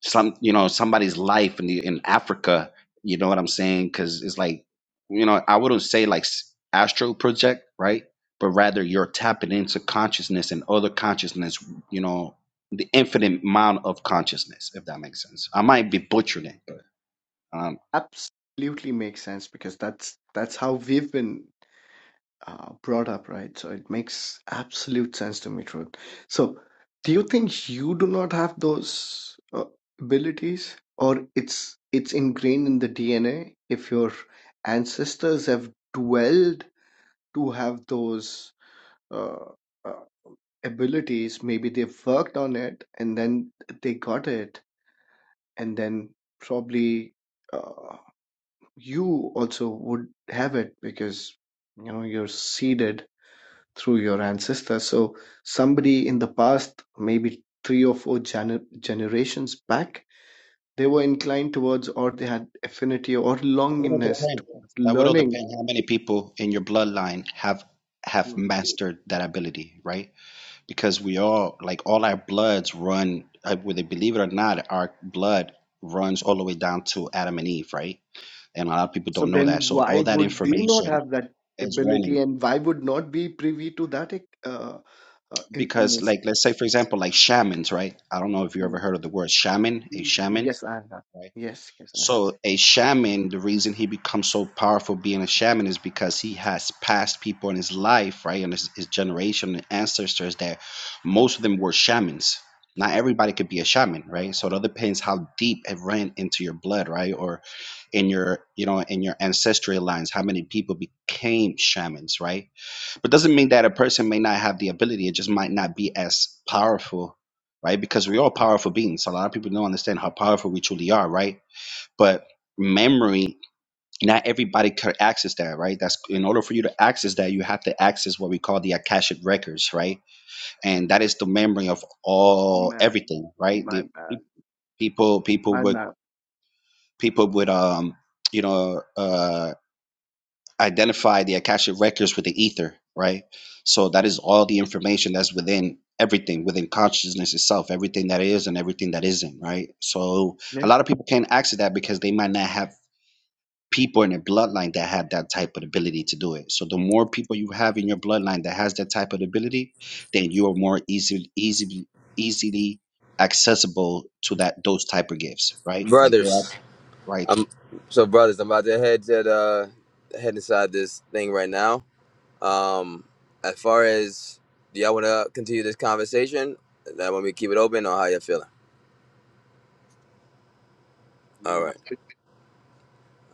Speaker 5: some you know somebody's life in the, in Africa. You know what I'm saying? Because it's like you know I wouldn't say like s- astral project, right? But rather you're tapping into consciousness and other consciousness. You know the infinite amount of consciousness, if that makes sense. I might be butchering it, but um,
Speaker 4: Absolutely makes sense because that's that's how we've been uh, brought up, right? So it makes absolute sense to me, Truth. So, do you think you do not have those uh, abilities, or it's it's ingrained in the DNA? If your ancestors have dwelled to have those uh, uh, abilities, maybe they've worked on it and then they got it, and then probably uh, you also would have it because you know you're seeded through your ancestors. So somebody in the past, maybe three or four gener- generations back, they were inclined towards or they had affinity or
Speaker 5: it would
Speaker 4: longingness
Speaker 5: depend.
Speaker 4: towards
Speaker 5: That would all
Speaker 4: learning.
Speaker 5: depend how many people in your bloodline have have mastered that ability, right? because we all like all our bloods run uh, whether they believe it or not our blood runs all the way down to adam and eve right and a lot of people
Speaker 4: So
Speaker 5: don't know that
Speaker 4: then
Speaker 5: so all
Speaker 4: why
Speaker 5: that
Speaker 4: would we not
Speaker 5: information
Speaker 4: have that
Speaker 5: is running
Speaker 4: ability and why would not be privy to that uh, uh,
Speaker 5: because like
Speaker 4: information?
Speaker 5: let's say for example like shamans right i don't know if you ever
Speaker 4: Mm.
Speaker 5: heard of the word shaman a shaman
Speaker 4: Yes, I have.
Speaker 5: right?
Speaker 4: Yes, yes, I have.
Speaker 5: So a shaman, the reason he becomes so powerful being a shaman is because he has past people in his life, right, and his, his generation and ancestors that most of them were shamans. Not everybody could be a shaman, right? So it all depends how deep it ran into your blood, right, or in your, you know, in your ancestral lines. How many people became shamans, right? But doesn't mean that a person may not have the ability. It just might not be as powerful, right? Because we're all powerful beings. A lot of people don't understand how powerful we truly are, right? but memory not everybody could access that right that's in order for you to access that you have to access what we call the akashic records right and that is the memory of all
Speaker 4: Man,
Speaker 5: everything right
Speaker 4: my
Speaker 5: the
Speaker 4: man,
Speaker 5: pe- people people
Speaker 4: my
Speaker 5: would
Speaker 4: man.
Speaker 5: people would um you know uh identify the akashic records with the ether right so that is all the information that's within everything within consciousness itself everything that is and everything that isn't right so a lot of people can't access that because they might not have people in a bloodline that have that type of ability to do it. So the more people you have in your bloodline that has that type of ability, then you are more easily easily easily accessible to that those type of gifts, right? Like they're all-
Speaker 1: brothers.
Speaker 5: right.
Speaker 1: I'm so brothers. I'm about to head to the, head inside this thing right now. Um, as far as do y'all want to continue this conversation? That when we keep it open, or how y'all feeling? All right,
Speaker 4: Yeah.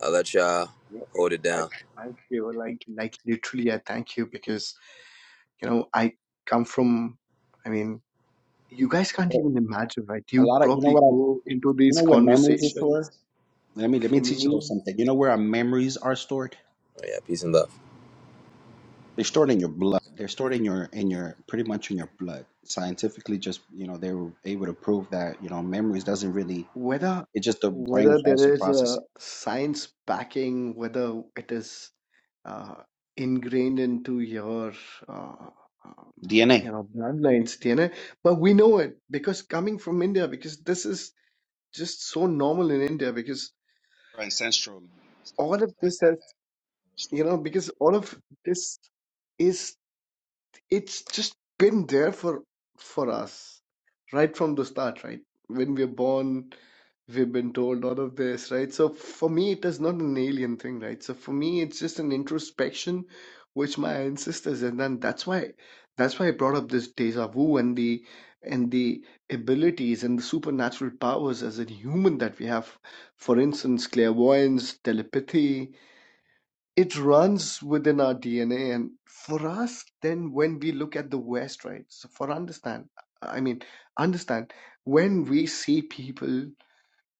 Speaker 1: I'll let y'all
Speaker 4: Yeah,
Speaker 1: hold it
Speaker 4: I
Speaker 1: down.
Speaker 4: thank you. Like like literally, I thank you because you know I come from. I mean, you guys can't
Speaker 5: So
Speaker 4: even imagine, right?
Speaker 5: a
Speaker 4: You
Speaker 5: lot of you know
Speaker 4: probably
Speaker 5: what I
Speaker 4: go into
Speaker 5: you
Speaker 4: these
Speaker 5: know where memories is stored?
Speaker 4: conversations.
Speaker 5: Let me let
Speaker 4: For
Speaker 5: me teach you a
Speaker 4: me,
Speaker 5: little something. You know where our memories are stored?
Speaker 1: Oh, yeah, peace and love.
Speaker 5: They're stored in your blood. They're stored in your in your pretty much in your blood. Scientifically just you know, they were able to prove that, you know, memories doesn't really
Speaker 4: whether
Speaker 5: it's just the brain
Speaker 4: whether
Speaker 5: tries to
Speaker 4: there is
Speaker 5: process it.
Speaker 4: a science backing, whether it is uh, ingrained into your uh, um,
Speaker 5: DNA,
Speaker 4: you know bloodlines, DNA, but we know it because coming from India, because this is just so normal in India because.
Speaker 5: ancestral.
Speaker 4: all of this has you know because all of this is it's just been there for for us right from the start right when we're born we've been told all of this right so for me it is not an alien thing right so for me it's just an introspection which my ancestors and then that's why that's why i brought up this deja vu and the and the abilities and the supernatural powers as a human that we have for instance clairvoyance telepathy it runs within our DNA. And for us, then when we look at the West, right? So for understand, I mean, understand when we see people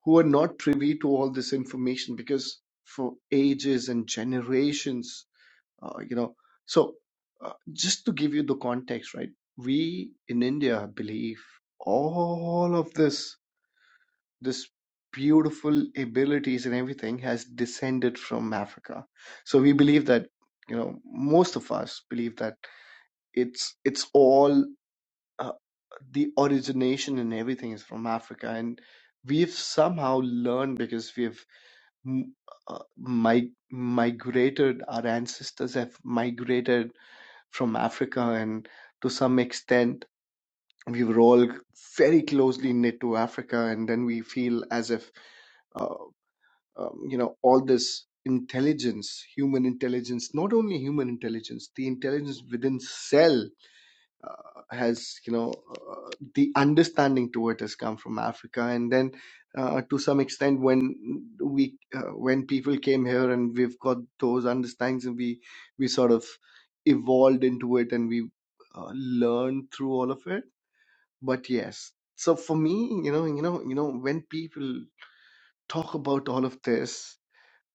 Speaker 4: who are not privy to all this information because for ages and generations, uh, you know, so uh, just to give you the context, right? We in India believe all of this this beautiful abilities and everything has descended from Africa. So we believe that you know most of us believe that it's it's all uh, the origination and everything is from Africa, and we've somehow learned because we've m- uh, mi- migrated. Our ancestors have migrated from Africa, and to some extent, we were all very closely knit to Africa, and then we feel as if. uh, um, you know all this intelligence human intelligence not only human intelligence the intelligence within cell uh, has you know uh, the understanding to it has come from africa and then uh, to some extent when we uh, when people came here and we've got those understandings and we we sort of evolved into it and we uh, learned through all of it but yes so for me you know you know you know when people talk about all of this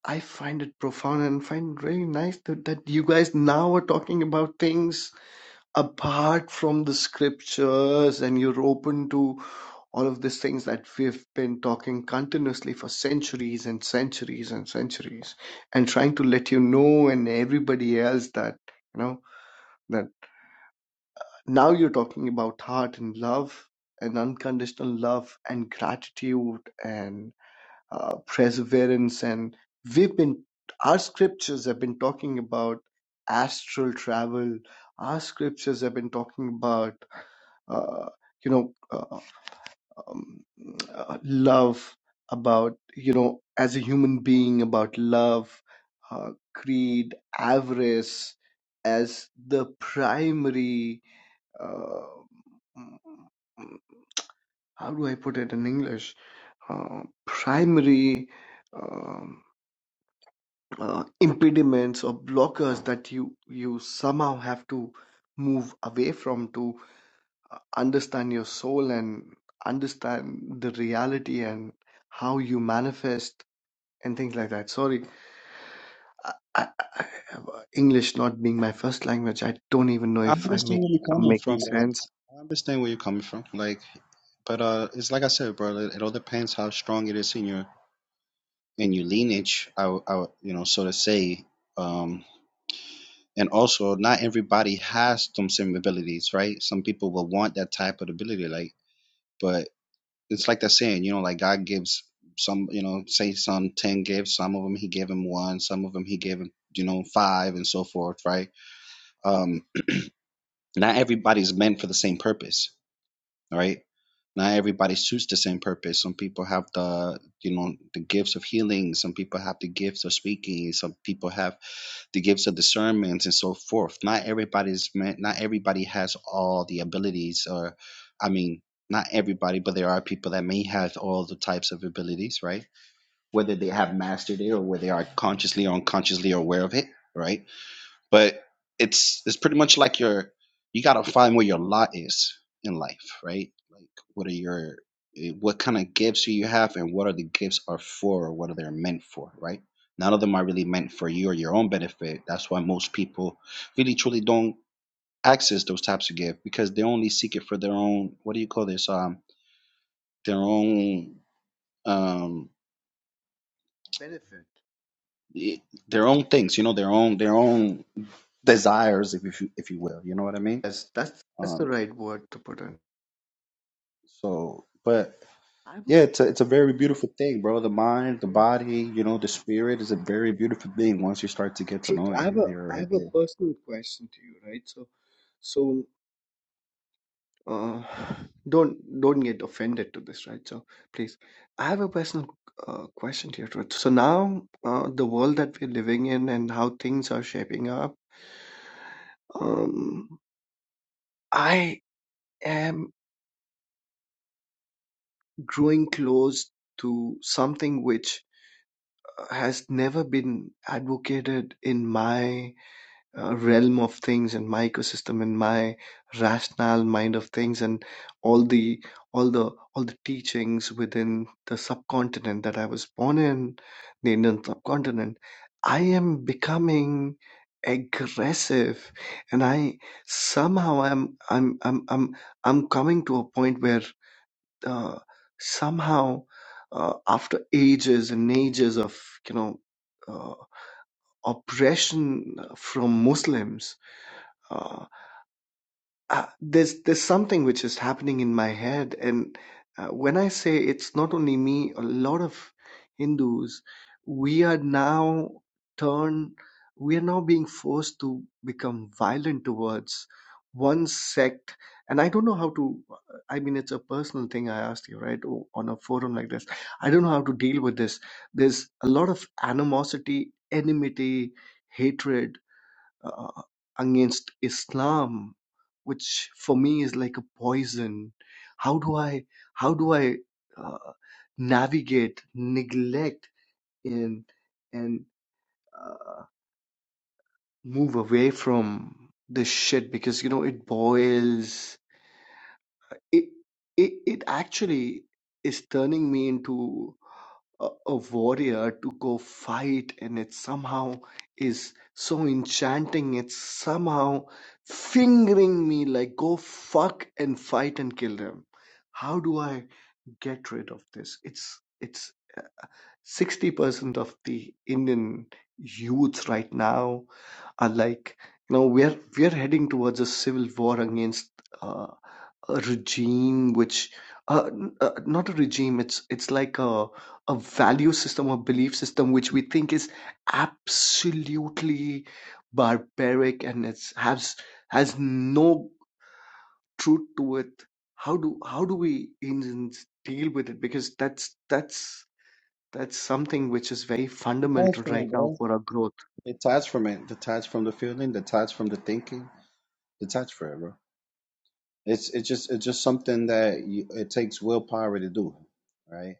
Speaker 4: I find it profound and find it really nice that, that you guys now are talking about things apart from the scriptures and you're open to all of these things that we've been talking continuously for centuries and centuries and centuries and trying to let you know and everybody else that you know that now you're talking about heart and love and unconditional love and gratitude and uh, perseverance and we've been our scriptures have been talking about astral travel our scriptures have been talking about uh, you know uh, um, uh, love about you know as a human being about love uh, creed avarice as the primary uh, how do i put it in english uh, primary Um, uh, impediments or blockers that you you somehow have to move away from to uh, understand your soul and understand the reality and how you manifest and things like that sorry I, I, I, english not being my first language i don't even know
Speaker 5: I
Speaker 4: if i
Speaker 5: understand
Speaker 4: make
Speaker 5: where you're
Speaker 4: i'm
Speaker 5: coming
Speaker 4: making
Speaker 5: from, bro.
Speaker 4: sense
Speaker 5: I understand where you're coming from. Like, but uh, it's like I said, bro. It, it all depends how strong it is in your in your lineage. I, would- I, would, you know, so to say. Um, and also, not everybody has some same abilities, right? Some people will want that type of ability, like. But it's like that saying, you know, like God gives some, you know, say some ten gifts. Some of them He gave him one. Some of them He gave him, you know, five, and so forth, right? Um, not everybody's meant for the same purpose, right? Not everybody suits the same purpose. Some people have the, you know, the gifts of healing. Some people have the gifts of speaking. Some people have the gifts of discernment and so forth. Not everybody's meant. Not everybody has all the abilities, or, I mean, not everybody, but there are people that may have all the types of abilities, right? Whether they have mastered it or whether they are consciously or unconsciously aware of it, right? but it's it's pretty much like your you gotta find where your lot is in life right like what are your eh, what kind of gifts do you have and what are the gifts are for or what are they meant for right none of them are really meant for you or your own benefit that's why most people really truly don't access those types of gifts because they only seek it for their own what do you call this um their own um
Speaker 4: benefit
Speaker 5: eh, their own things you know their own their own desires if you if you will you know what i mean
Speaker 4: yes that's that's
Speaker 5: Um.
Speaker 4: the right word to put in
Speaker 5: So, but
Speaker 4: i have a
Speaker 5: yeah, it's a, it's a very beautiful thing, bro. The mind, the
Speaker 4: question
Speaker 5: body, you know, the spirit is a very beautiful thing once you start to get to
Speaker 4: Truth,
Speaker 5: know
Speaker 4: i
Speaker 5: it.
Speaker 4: have
Speaker 5: And
Speaker 4: a i
Speaker 5: you're
Speaker 4: have a personal question to you right so so uh, don't don't get offended to this right so please i have a personal uh, question to your truth so now uh, the world that we're living in and how things are shaping up um, i am growing close to something which uh, has never been advocated in my uh, realm of things and my ecosystem and my rational mind of things and all the all the all the teachings within the subcontinent that I was born in, the Indian subcontinent, I am becoming aggressive and I somehow I'm I'm I'm I'm I'm coming to a point where uh, somehow uh, after ages and ages of you know uh, oppression from Muslims uh, uh, there's there's something which is happening in my head, and uh, when I say it's not only me, a lot of Hindus, we are now turned, we are now being forced to become violent towards one sect, and I don't know how to. uh, I mean, it's a personal thing. I asked you right o- on a forum like this. I don't know how to deal with this. There's a lot of animosity, enmity, hatred uh, against Islam, which for me is like a poison. How do I how do I uh, navigate, neglect, and and uh, move away from this shit? Because you know it boils it it, it actually is turning me into a, a warrior to go fight and it somehow is so enchanting it's somehow fingering me like go fuck and fight and kill them how do i get rid of this it's it's 60% of the indian youths right now are like you know we're we're heading towards a civil war against uh, a regime which uh, n- uh, not a regime it's it's like a a value system or belief system which we think is absolutely barbaric and it's has has no truth to it how do how do we Indians deal with it because that's that's that's something which is very fundamental
Speaker 5: detached from it,
Speaker 4: right now
Speaker 5: bro.
Speaker 4: for our growth
Speaker 5: Detached from it, detached from the feeling, detached from the thinking, detached from it, bro. It's it's just it's just something that you, it takes willpower to do, right?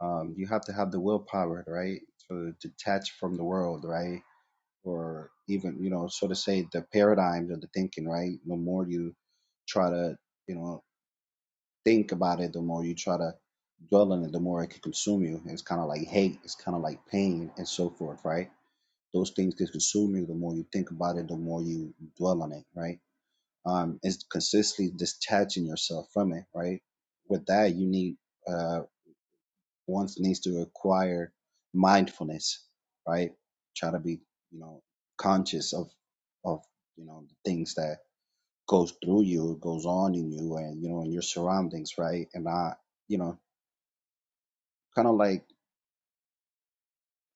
Speaker 5: Um, you have to have the willpower, right, to detach from the world, right, or even you know, so to say, the paradigms of the thinking, right. The more you try to you know think about it, the more you try to dwell on it, the more it can consume you. It's kind of like hate, it's kind of like pain, and so forth, right? Those things can consume you. The more you think about it, the more you dwell on it, right? Um, it's consistently detaching yourself from it, right? With that, you need uh, one needs to acquire mindfulness, right? Try to be, you know, conscious of of you know the things that goes through you, goes on in you, and you know in your surroundings, right? And I you know kind of like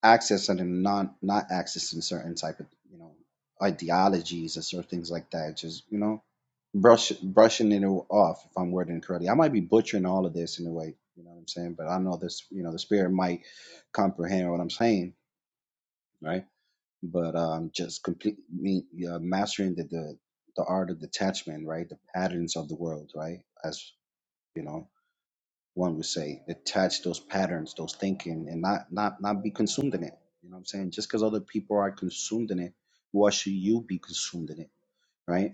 Speaker 5: accessing and not not accessing certain type of you know ideologies and certain things like that. Just you know, brush brushing it off. If I'm wording it correctly, I might be butchering all of this in a way. You know what I'm saying? But I know this. You know, the spirit might comprehend what I'm saying, right? But um, just complete me uh, mastering the, the the art of detachment, right? The patterns of the world, right? As you know. one would say, attach those patterns, those thinking, and not not not be consumed in it. You know what I'm saying? Just because other people are consumed in it, why should you be consumed in it, right?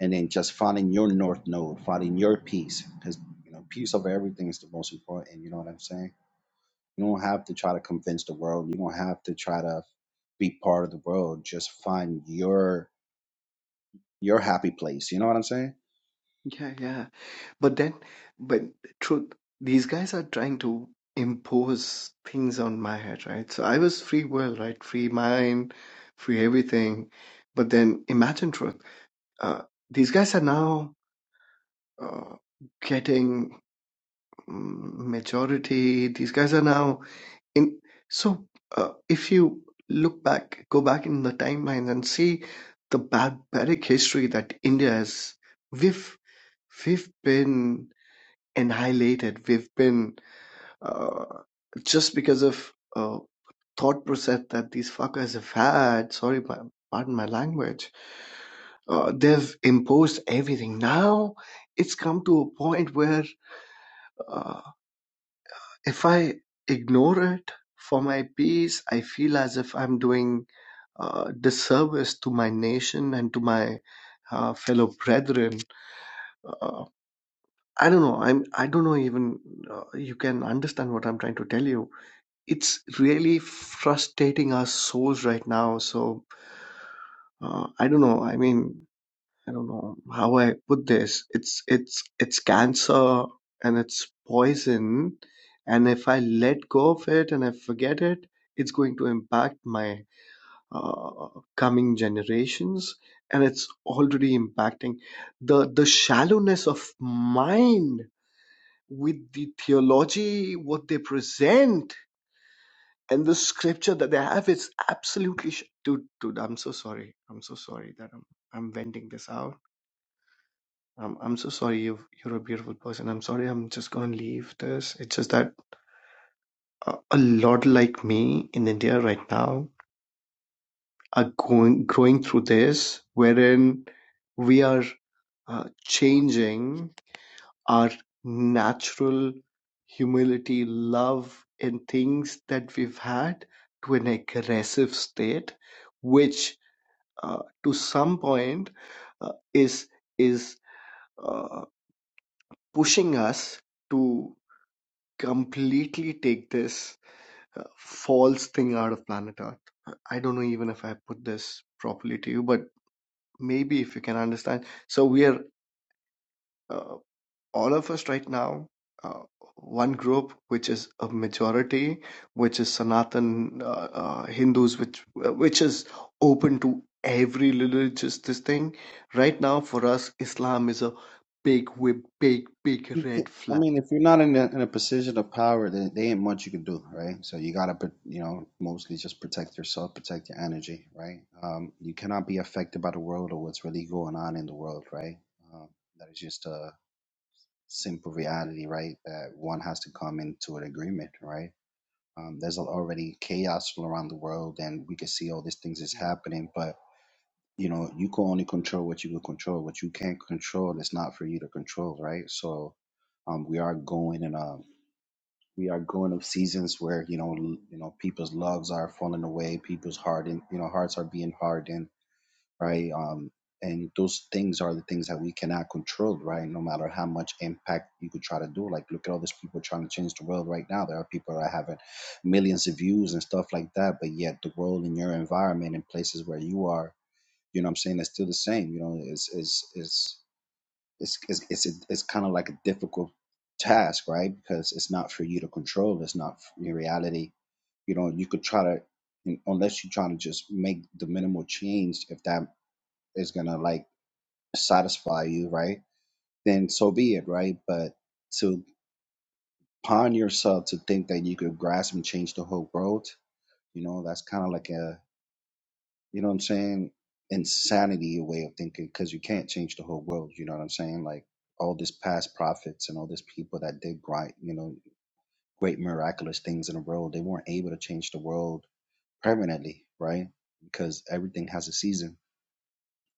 Speaker 5: And then just finding your north node, finding your peace, because you know, peace over everything is the most important. You know what I'm saying? You don't have to try to convince the world. You don't have to try to be part of the world. Just find your your happy place. You know what I'm saying?
Speaker 4: yeah yeah But then, but truth, these guys are trying to impose things on my head, right? So I was free will, right? Free mind, free everything. But then imagine truth. Uh, these guys are now uh, getting mm, majority. These guys are now in. So uh, if you look back, go back in the timeline and see the barbaric history that India has, we've, we've been annihilated. We've been uh, just because of uh, thought process that these fuckers have had. Sorry, my, pardon my language. Uh, they've imposed everything. Now it's come to a point where uh, if I ignore it for my peace, I feel as if I'm doing uh, disservice to my nation and to my uh, fellow brethren. Uh, I don't know. I'm. I don't know. Even uh, you can understand what I'm trying to tell you It's really frustrating our souls right now. So uh, I don't know. I mean, I don't know how I put this. It's it's it's cancer and it's poison. And if I let go of it and I forget it, it's going to impact my uh, coming generations. And it's already impacting the the shallowness of mind with the theology what they present and the scripture that they have is absolutely sh- dude dude i'm so sorry i'm so sorry that i'm i'm venting this out i'm, I'm so sorry you've, you're a beautiful person i'm sorry i'm just gonna leave this it's just that a, a lot like me in india right now are going growing through this wherein we are uh, changing our natural humility love and things that we've had to an aggressive state which uh, to some point uh, is is uh, pushing us to completely take this uh, false thing out of planet earth i don't know even if i put this properly to you but maybe if you can understand so we are uh, all of us right now, uh, one group which is a majority, which is Sanatan uh, uh, Hindus, which uh, which is open to every religious this thing. Right now, for us, Islam is a big, wi- big, big
Speaker 5: You can,
Speaker 4: red
Speaker 5: I
Speaker 4: flag.
Speaker 5: mean, if you're not in a, in a position of power, then they ain't much you can do, right? So you gotta, pr- you know, mostly just protect yourself, protect your energy, right? Um, you cannot be affected by the world or what's really going on in the world, right? Um, that is just a simple reality, right? That one has to come into an agreement, right? Um, there's already chaos all around the world, and we can see all these things is
Speaker 4: Mm-hmm.
Speaker 5: happening. But you know, you can only control what you can control. What you can't control is not for you to control, right? So, um, we are going in a we are going of seasons where you know l- you know people's loves are falling away, people's hardened, you know hearts are being hardened right? Um, and those things are the things that we cannot control, right? No matter how much impact you could try to do. Like, look at all these people trying to change the world right now. There are people that are having millions of views and stuff like that, but yet the world in your environment and places where you are, you know what I'm saying, it's still the same. You know, it's, it's, it's, it's, it's, it's, a- it's kind of like a difficult task, right? Because it's not for you to control. It's not your reality. You know, you could try to, unless you're trying to just make the minimal change, if that is gonna like satisfy you, right? Then so be it, right? But to pawn yourself to think that you could grasp and change the whole world, you know, that's kind of like a, you know what I'm saying, insanity way of thinking because you can't change the whole world, you know what I'm saying? Like all these past prophets and all these people that did great, you know, great miraculous things in the world, they weren't able to change the world permanently, right? Because everything has a season.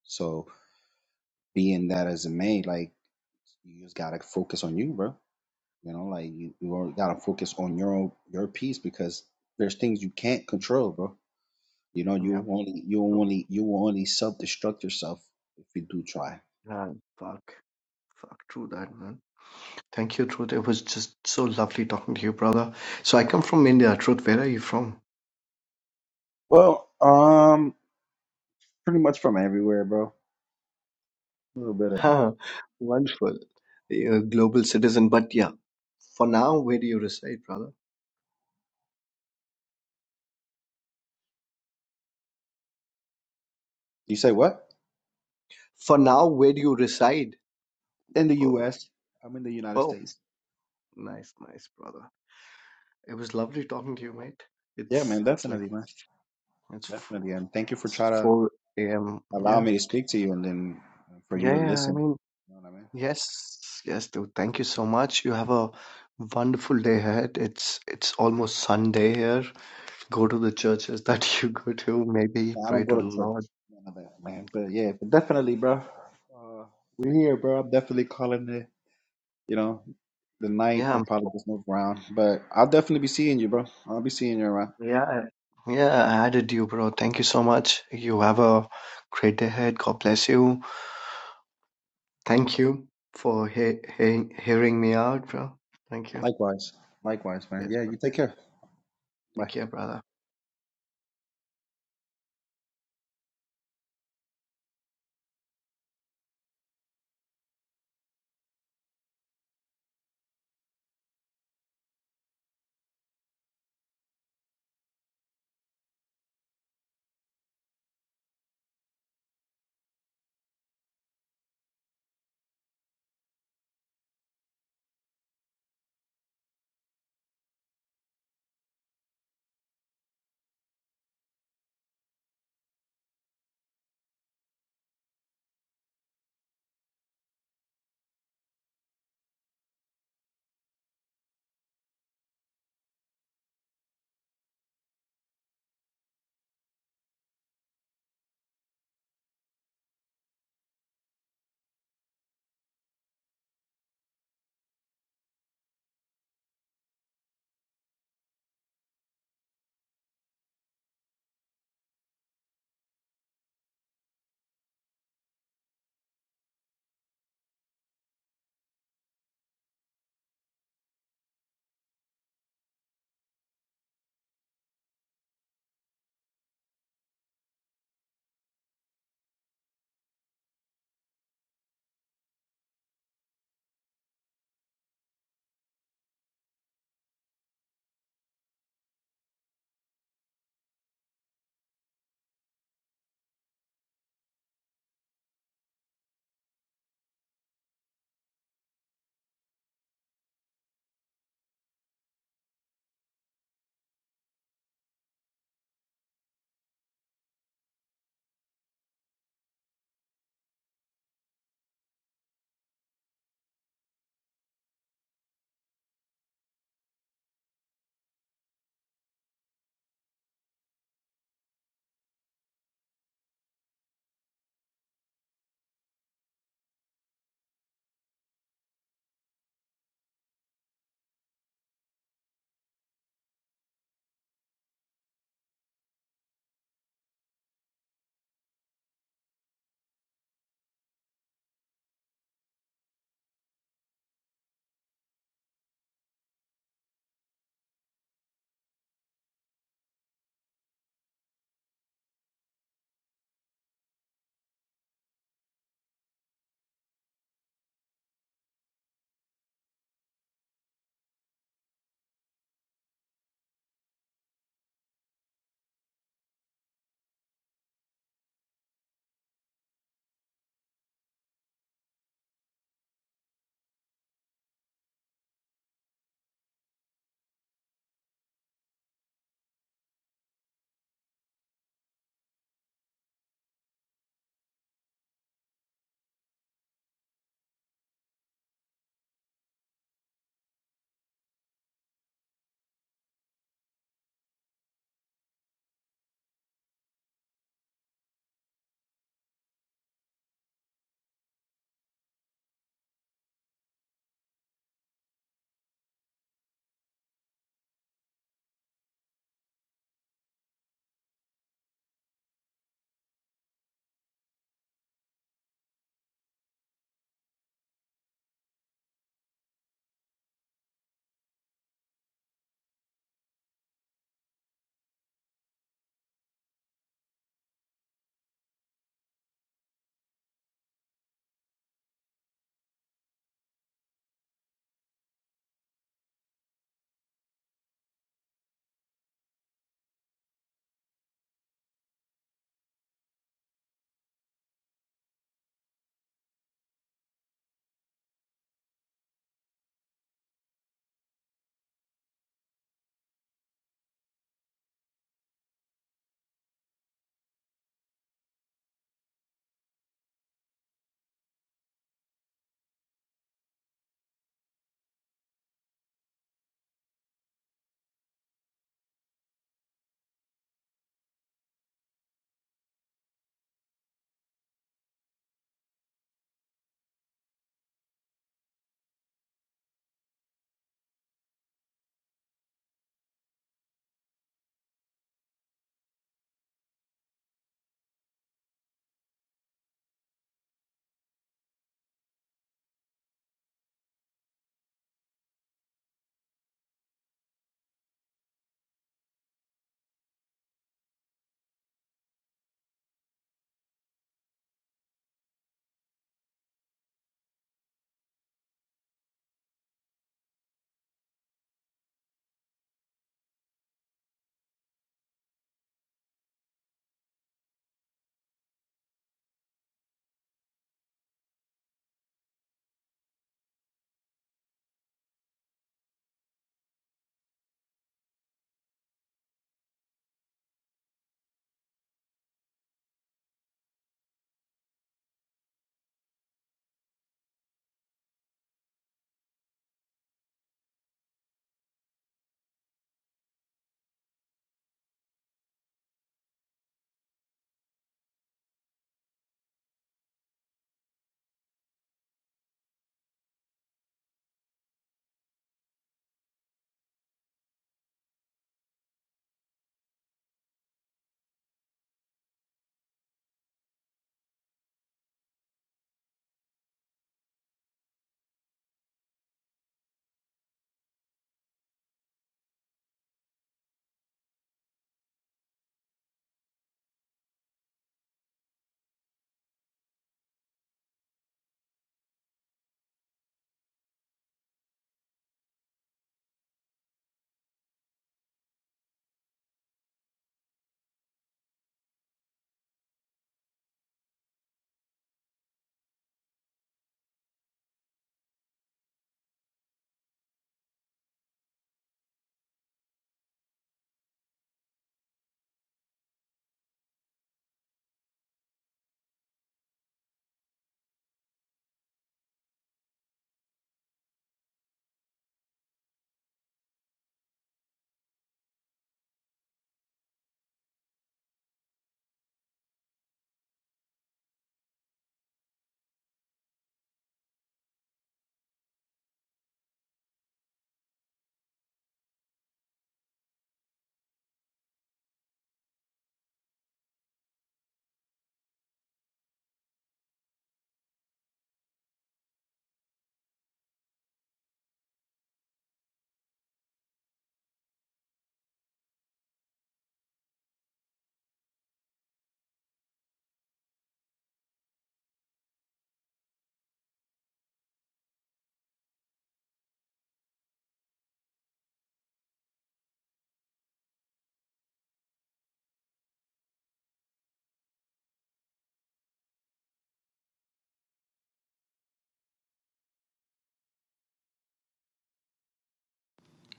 Speaker 5: So being that as it may, like you just gotta focus on you, bro You know, like you, you gotta focus on your own your piece because there's things you can't control, bro. You know,
Speaker 4: Yeah.
Speaker 5: you only you
Speaker 4: So,
Speaker 5: only you will only self destruct yourself if you do try.
Speaker 4: yeah, fuck. Fuck, true that, man. Thank you, Truth. It was just so lovely talking to you, brother. So I come from India. Truth, where are you from?
Speaker 5: Well, um, pretty much from everywhere, bro. A little bit of
Speaker 4: Ah, wonderful. You're a global citizen, but yeah, for now, where do you reside, brother?
Speaker 5: you say what?
Speaker 4: For now, where do you reside?
Speaker 5: In the
Speaker 4: Oh,
Speaker 5: U.S., I'm in the United
Speaker 4: oh,
Speaker 5: States.
Speaker 4: nice, nice, brother. It was lovely talking to you, mate.
Speaker 5: Yeah,
Speaker 4: It's
Speaker 5: man,
Speaker 4: it's like
Speaker 5: definitely, man,
Speaker 4: it's four,
Speaker 5: definitely, and thank you for
Speaker 4: it's
Speaker 5: trying to
Speaker 4: 4 a.m.
Speaker 5: allow
Speaker 4: Yeah,
Speaker 5: me to speak to you and then for you
Speaker 4: yeah,
Speaker 5: to
Speaker 4: yeah. I
Speaker 5: listen.
Speaker 4: mean,
Speaker 5: You know what I
Speaker 4: yes, yes, dude. Thank you so much. You have a wonderful day ahead. It's it's almost Sunday here. Go to the churches that
Speaker 5: mean?
Speaker 4: you go to. Maybe
Speaker 5: I
Speaker 4: pray
Speaker 5: don't
Speaker 4: to
Speaker 5: go
Speaker 4: the
Speaker 5: to church,
Speaker 4: Lord.
Speaker 5: none of that, man. But yeah, but definitely, bro. Uh, we're
Speaker 4: Thank
Speaker 5: here,
Speaker 4: you.
Speaker 5: bro. I'm definitely calling the, You know, the night or
Speaker 4: Yeah.
Speaker 5: probably just move around, but I'll definitely be seeing you, bro. I'll be seeing you around.
Speaker 4: Yeah, yeah, I added you, bro. Thank you so much. You have a great day ahead. God bless you. Thank you for he- he- hearing me out, bro. Thank you.
Speaker 5: Likewise, likewise, man.
Speaker 4: Yes,
Speaker 5: Yeah,
Speaker 4: bro.
Speaker 5: you take care. Bye.
Speaker 4: Take care, brother.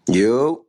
Speaker 9: Yo.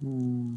Speaker 10: Hmm.